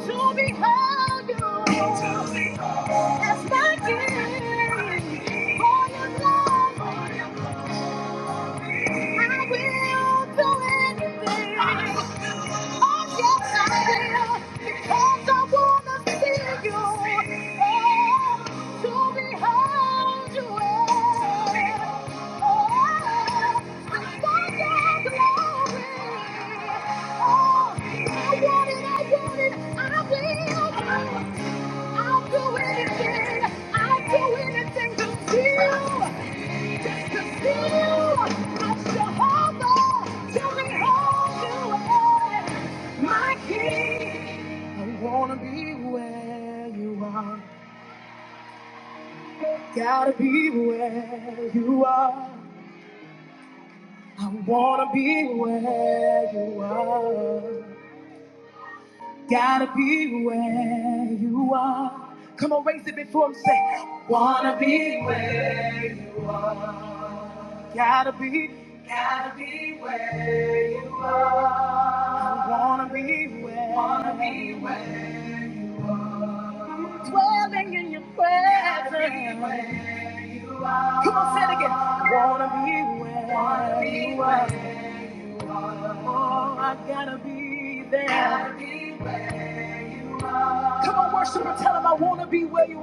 A: To behold you. As my king. For your glory. I will do anything. Oh, yes, I will. Because I want to see you. Oh, to behold you. Oh, to find your Oh, I want it, I want it. I will. I'll do anything. I'll do anything to see you. My king, I wanna be where you are. Gotta be where you are. I wanna be where you are. Gotta be where you are. Come on, raise it before him. Say, wanna be where you are. Gotta be, gotta be where you are. I wanna be where. Wanna be where. Dwelling in your presence. Gotta be where Come on, say it again. Wanna be where? Wanna be where? you are. Oh, I gotta be there. Gotta be where you are. Come on, worshiper, tell him I wanna be where you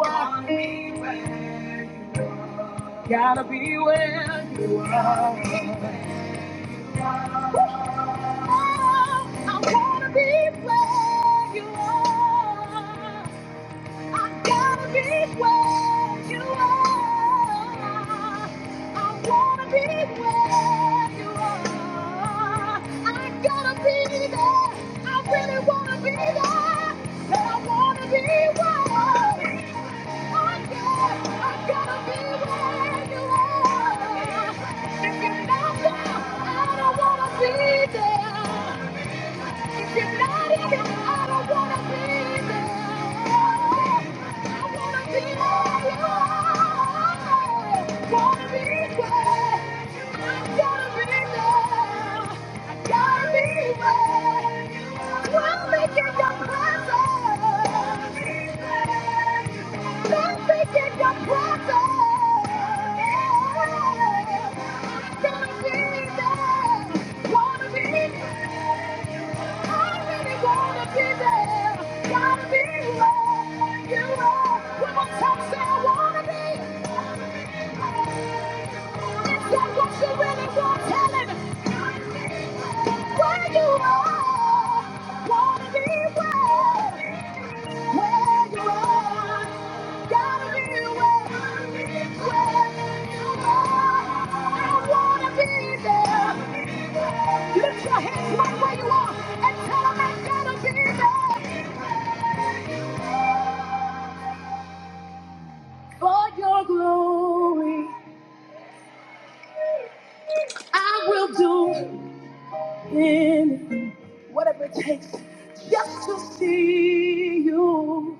A: are. Oh, I wanna be where you are. I gotta be where you are. I wanna be where you are. I gotta be there. I really wanna be there. But I wanna be where. Oh yeah, I gotta be where you are. I wanna be there. Gotta be where you are. Come on, tell me, I wanna be. Lift right your glory. I will do. anything, whatever it takes, just to see you,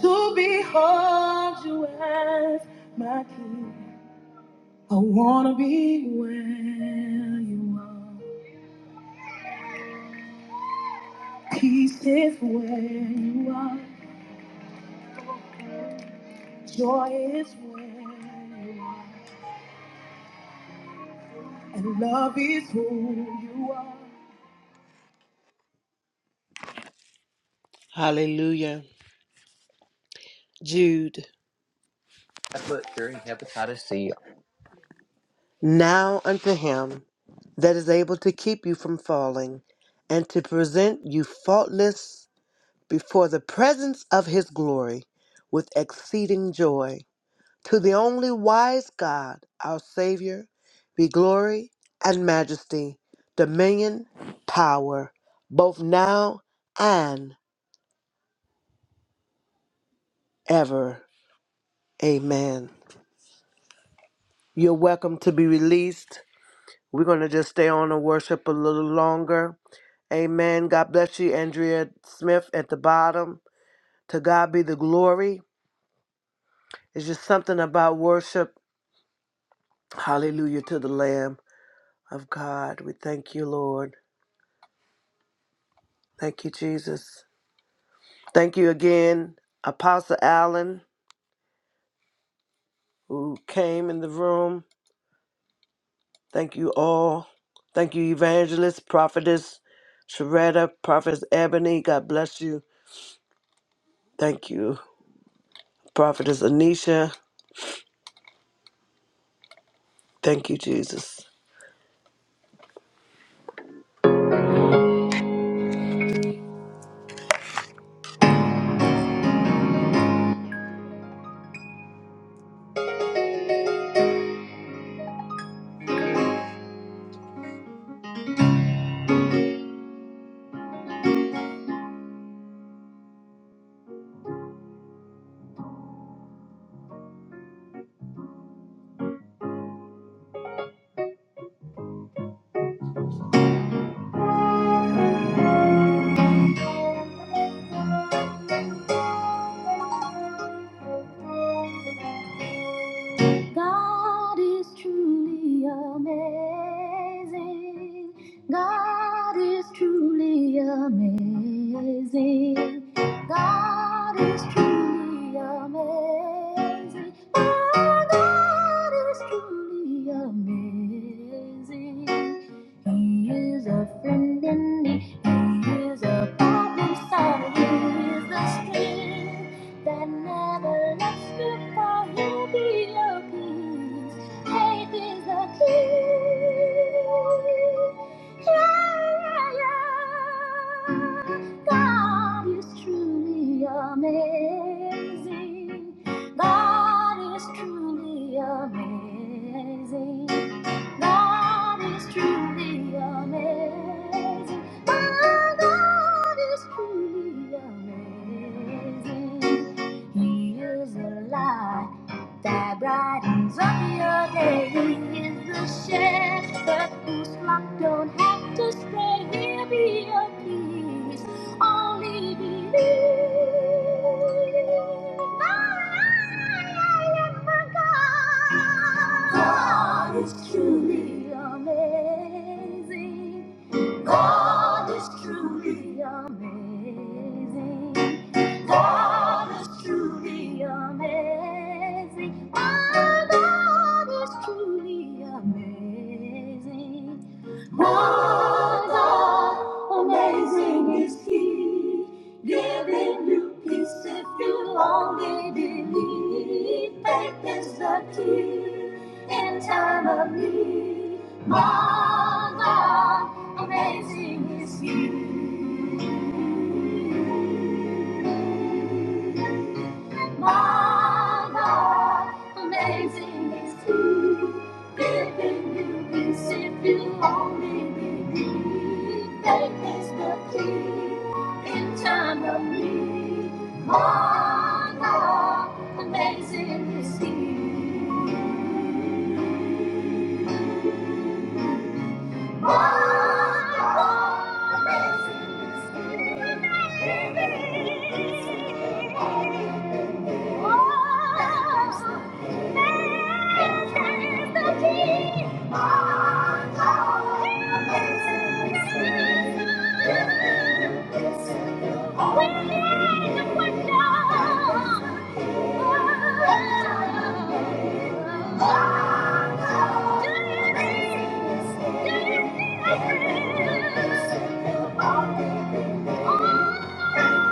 A: to behold you as my king. I wanna be where you are. Peace is where you are. Love is Hallelujah. Jude. Now unto him that is able to keep you from falling, and to present you faultless before the presence of his glory with exceeding joy. To the only wise God, our Savior, be glory and majesty, dominion, power, both now and ever. Amen. You're welcome to be released. We're going to just stay on and worship a little longer. Amen. God bless you, Andrea Smith at the bottom. To God be the glory. It's just something about worship. Hallelujah to the Lamb. of God. We thank you, Lord. Thank you, Jesus. Thank you again, Apostle Allen, who came in the room. Thank you all. Thank you, Evangelist, Prophetess Sharetta, Prophetess Ebony. God bless you. Thank you, Prophetess Anisha. Thank you, Jesus. God is truly amazing. God is truly amazing. God is truly amazing. Oh, God is truly amazing. He is a friend in need. He is a problem solver. He is the strength that never lets goodbye happy looking. Faith is the key. Yeah, yeah, yeah. God is truly amazing. God is truly amazing. God is truly amazing. God is truly amazing. He is the light that brightens up your day. He is the shepherd whose flock don't have to stray. He'll be your peace. Only believe. I am a God. God is truly amazing. God is truly amazing. God is truly amazing. My God is truly amazing. My God, amazing is He, giving you peace if you only believe. Faith is the key in time of need. My God, amazing is He. My God, amazing is He. Giving you peace if you only believe. Faith is the key in time of need. My God, amazing is He. My God, amazing is He. Giving you peace if you only believe. Oh, Thank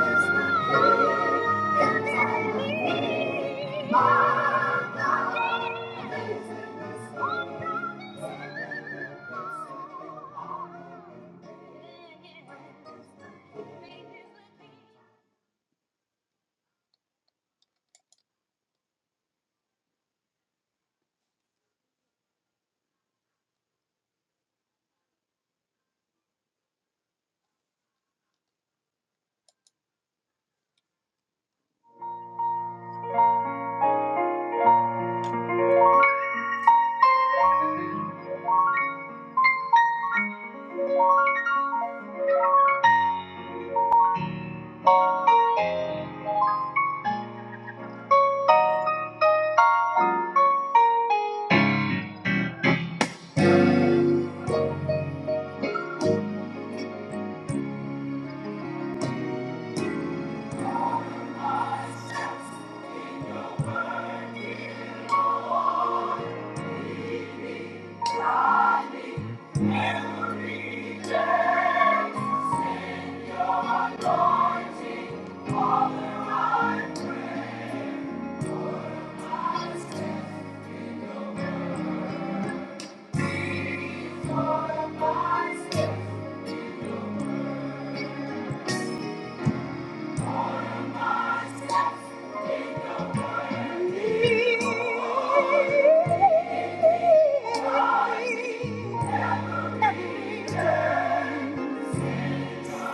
A: you.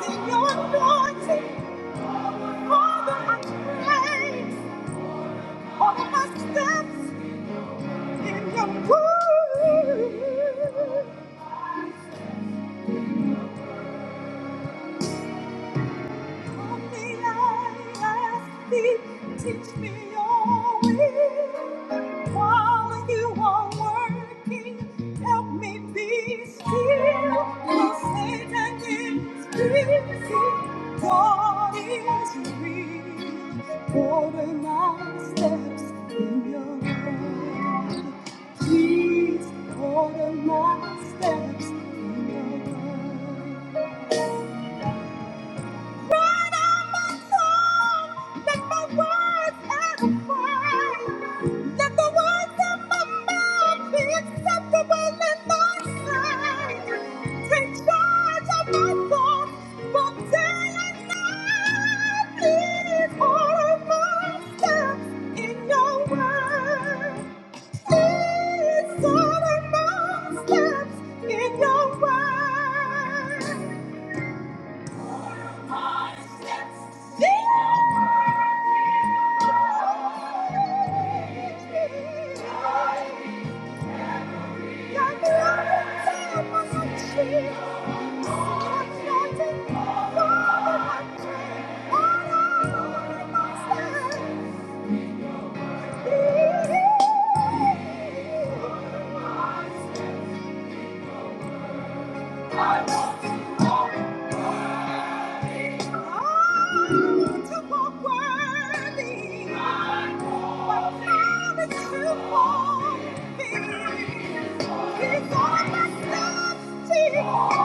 A: In your mercy, all that I pray, all that I step in your way. Teach me your will while you are working. Help me be still. For Satan is busy. God is real. Order my steps in your word. Please order my steps in your word. In your word. my steps. Thank you.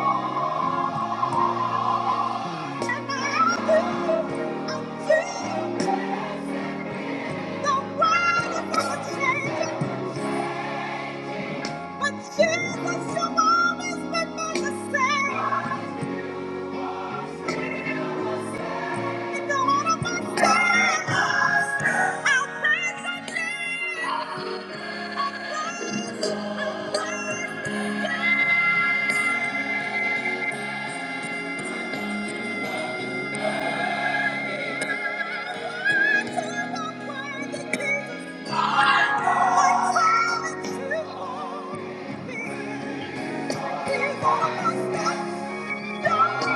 A: Thank you.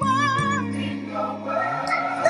A: Thank you. In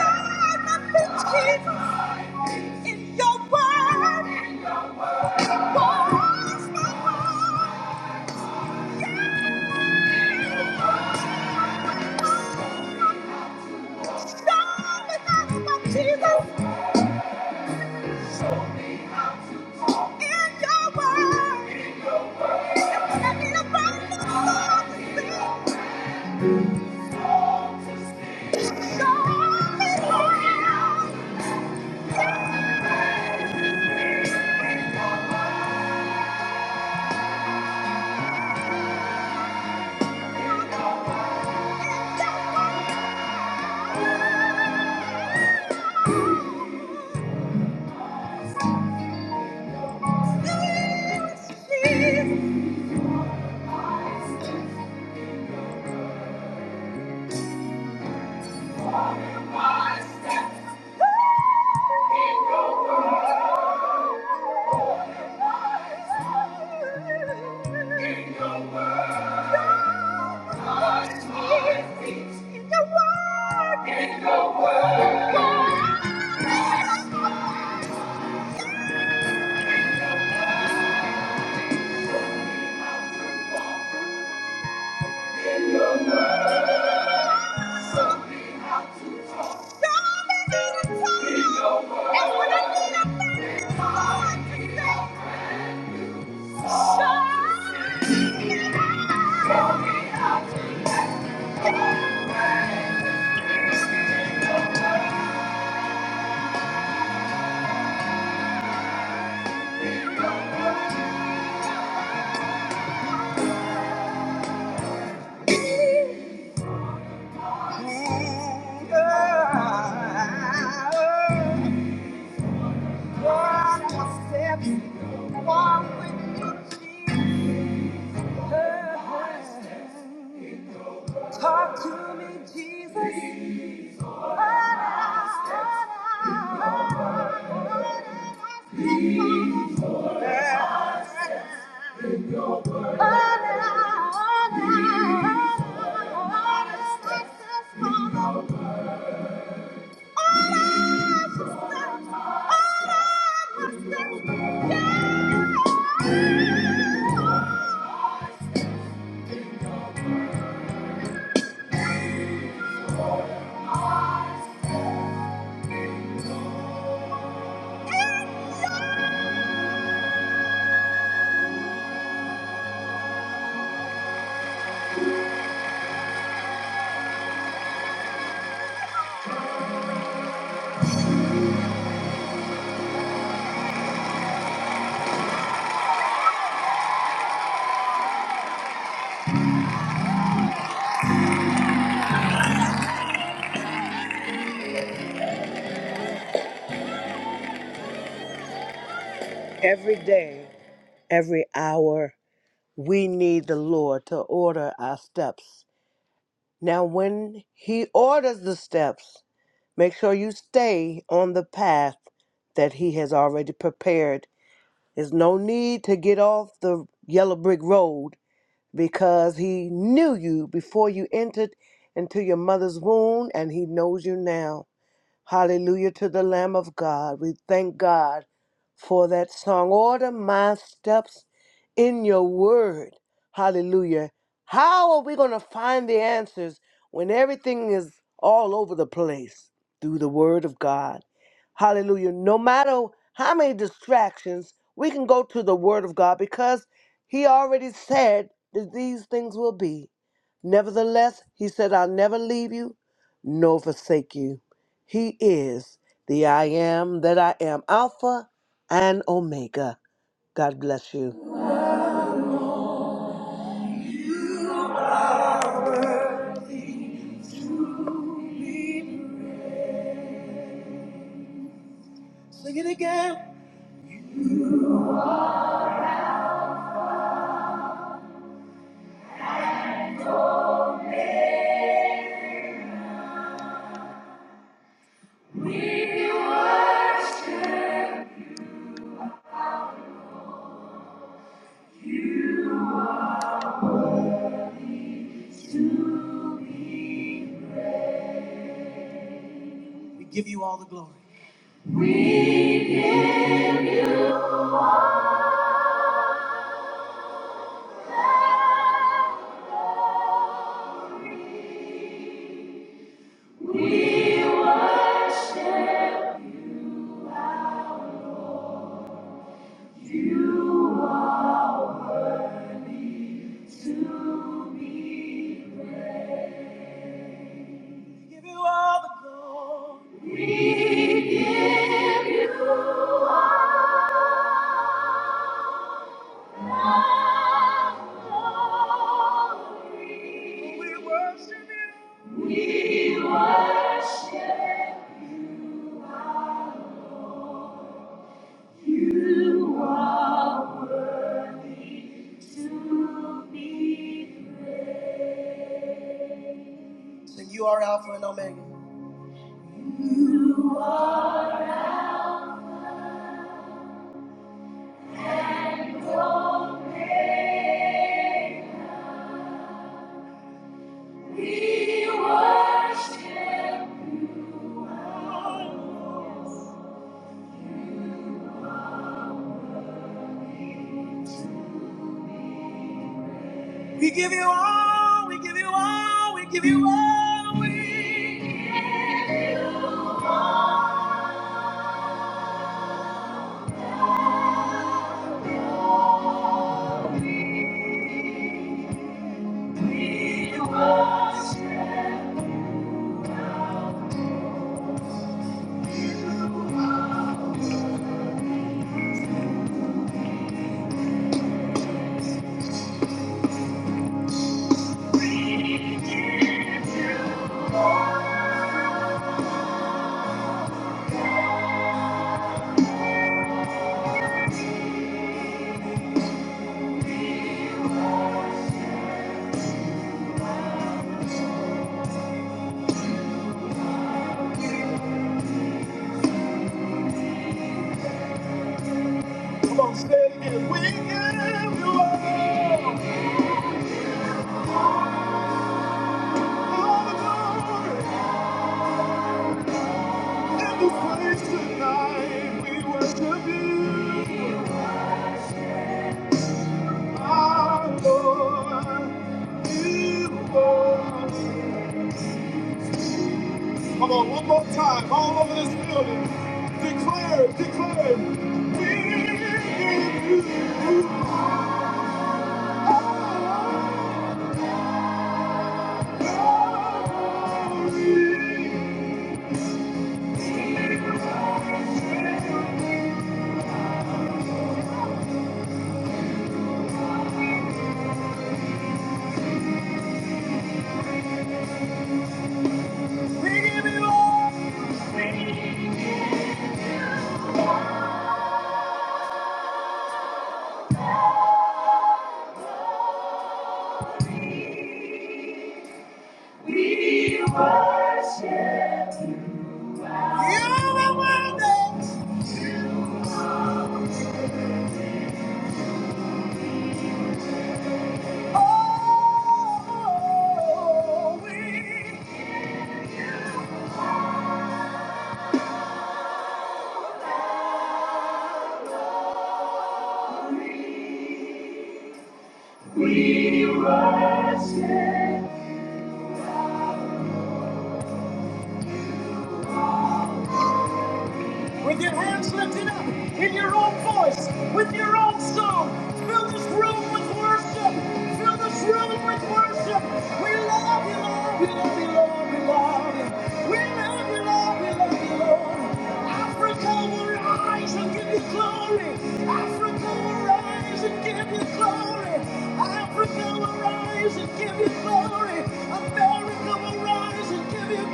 A: your word, in your word. Talk to me, Jesus. Lead my steps. Lead my steps. Lead my steps. Every day, every hour, we need the Lord to order our steps. Now, when He orders the steps, make sure you stay on the path that He has already prepared. There's no need to get off the yellow brick road because he knew you before you entered into your mother's womb and he knows you now. Hallelujah to the Lamb of God. We thank God for that song. Order my steps in your word. Hallelujah. How are we going to find the answers when everything is all over the place? Through the word of God. Hallelujah. No matter how many distractions, we can go to the word of God because he already said that these things will be. Nevertheless, he said, I'll never leave you nor forsake you. He is the I am that I am, Alpha and Omega. God bless you. And you are Alpha and Omega. We give you all, we give you all, we give you all. We Come on, say it. We give you all all the glory. In this place tonight, we worship you, our Lord. You are. awesome. Come on, one more time, all over this building. Declare, declare, with your hands lifted up, in your own voice, with your own song. Fill this room. Let me give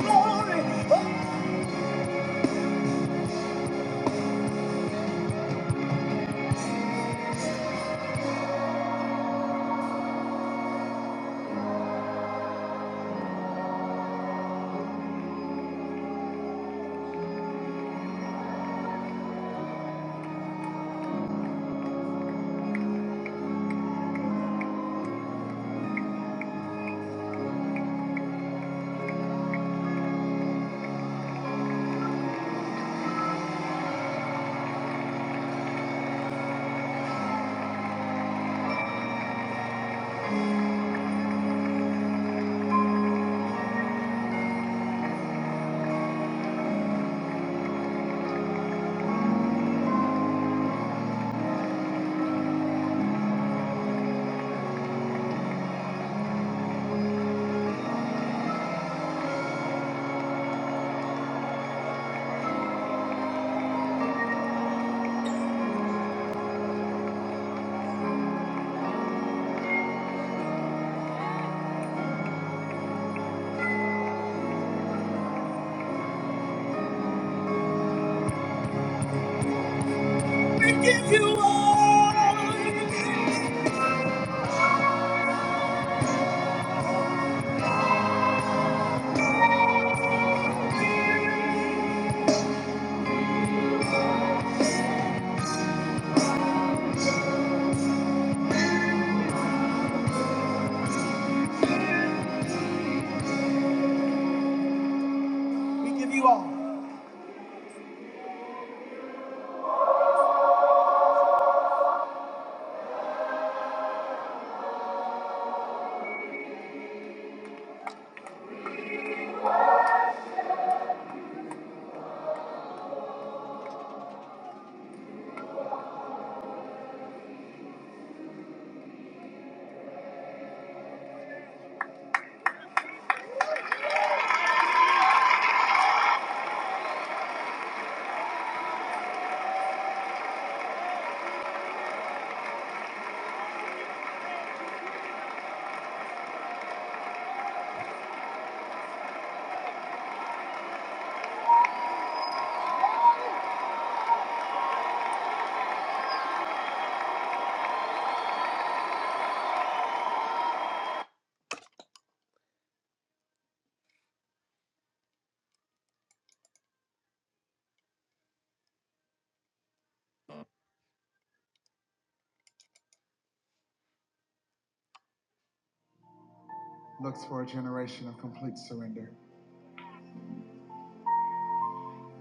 A: you all.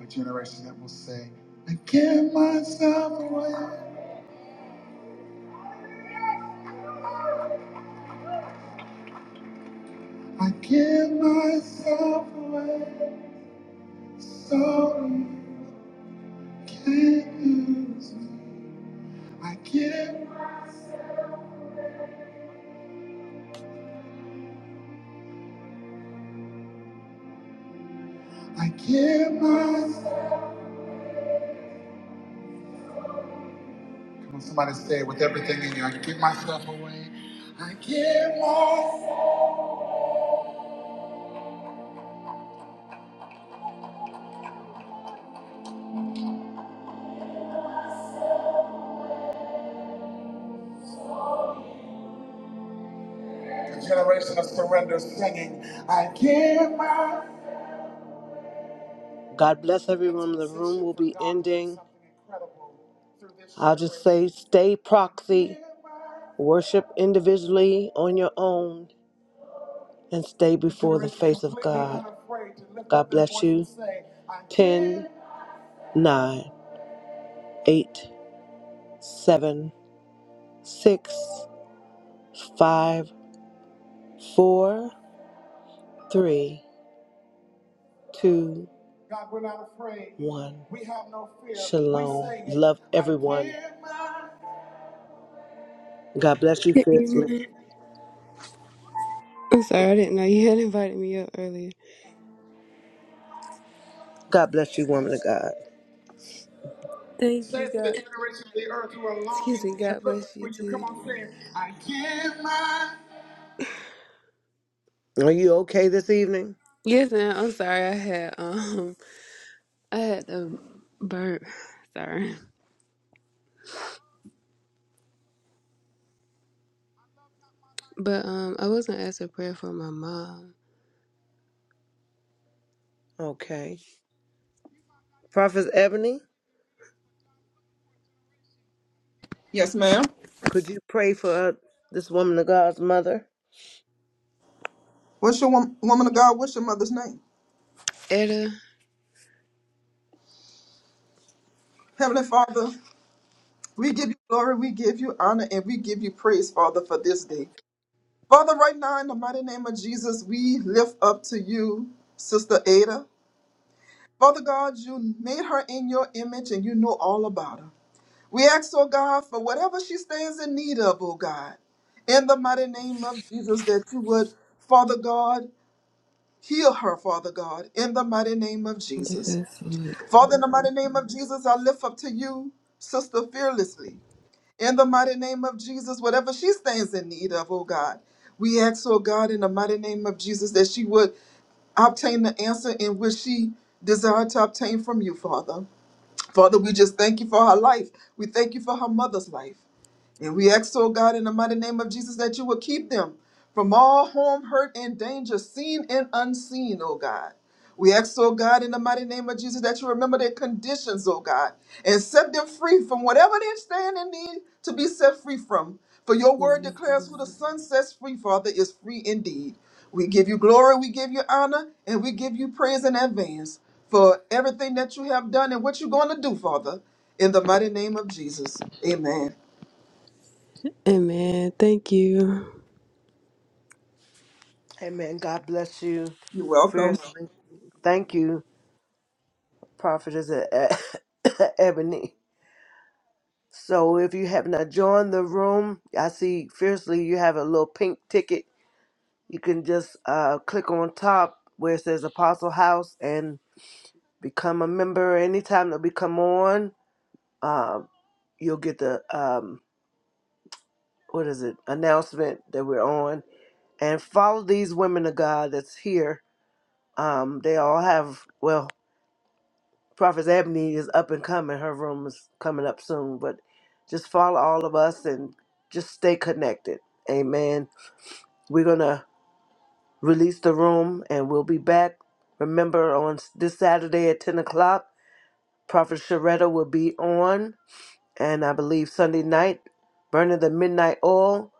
A: Okay. I give myself away, so you can not use me. I give, I give myself. Come on, somebody say it with everything in you. I give myself away. I give myself. God bless everyone. The room will be ending. I'll just say stay proxy, worship individually on your own, and stay before the face of God. God bless you. Ten, nine, eight, seven, six, five, four, three, two, one. Shalom. Love everyone. God bless you
G: Good
A: fiercely.
G: evening. I'm sorry, I didn't know you had invited me up earlier.
A: God bless you, woman of God.
G: Thank you, God. Excuse me, God bless you too.
A: Are you okay this evening?
G: Yes, ma'am. I'm sorry, I had um, I had the burp. Sorry, but um, I wasn't asked a prayer for my mom,
A: Okay. Prophet Ebony?
E: Yes, ma'am.
A: Could you pray for uh, this woman of God's mother?
E: What's your wom- woman of God? What's your mother's name?
G: Etta.
E: Heavenly Father, we give you glory, we give you honor, and we give you praise, Father, for this day. Father, right now, in the mighty name of Jesus, we lift up to you, Sister Ada. Father God, you made her in your image and you know all about her. We ask, oh God, for whatever she stands in need of, oh God, in the mighty name of Jesus, that you would, Father God, heal her, Father God, in the mighty name of Jesus.
G: Yes, Lord.
E: Father, in the mighty name of Jesus, I lift up to you, sister, fearlessly. In the mighty name of Jesus, whatever she stands in need of, oh God, we ask, oh God, in the mighty name of Jesus, that she would obtain the answer in which she desired to obtain from you, Father. Father, we just thank you for her life. We thank you for her mother's life. And we ask, oh God, in the mighty name of Jesus, that you will keep them from all harm, hurt, and danger, seen and unseen, oh God. We ask, oh God, in the mighty name of Jesus, that you remember their conditions, oh God, and set them free from whatever they stand in need to be set free from. For your word
G: Yes,
E: declares,
G: Lord.
E: who the Son sets free, Father, is free indeed. We give you glory, we give you honor, and we give you praise in advance for everything that you have done and what you're going to do, Father, in the mighty name of Jesus. Amen.
G: Amen. Thank you.
A: Amen. God bless you.
E: You're welcome.
A: Fiercely. Thank you, Prophetess E- Ebony. So if you have not joined the room, I see fiercely you have a little pink ticket. You can just uh, click on top where it says Apostle House and become a member. Anytime that we come on, uh, you'll get the um, what is it announcement that we're on. And follow these women of God that's here Um, they all have well, Prophet Ebony is up and coming. Her room is coming up soon, but just follow all of us and just stay connected. Amen. We're gonna release the room and we'll be back. Remember on s- this Saturday at ten o'clock, Prophet Sharetta will be on, and I believe Sunday night, burning the midnight oil.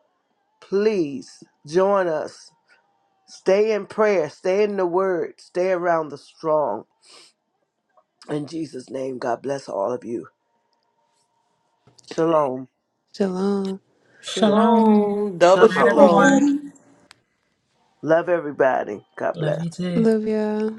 A: Please join us. Stay in prayer. Stay in the word. Stay around the strong. In Jesus' name, God bless all of you. Shalom.
G: Shalom.
B: Shalom.
C: Shalom.
B: Good
C: Double
B: night,
A: Shalom.
C: shalom.
B: everyone.
A: Love everybody. God
B: Love
A: bless.
B: you too.
G: Love y'all.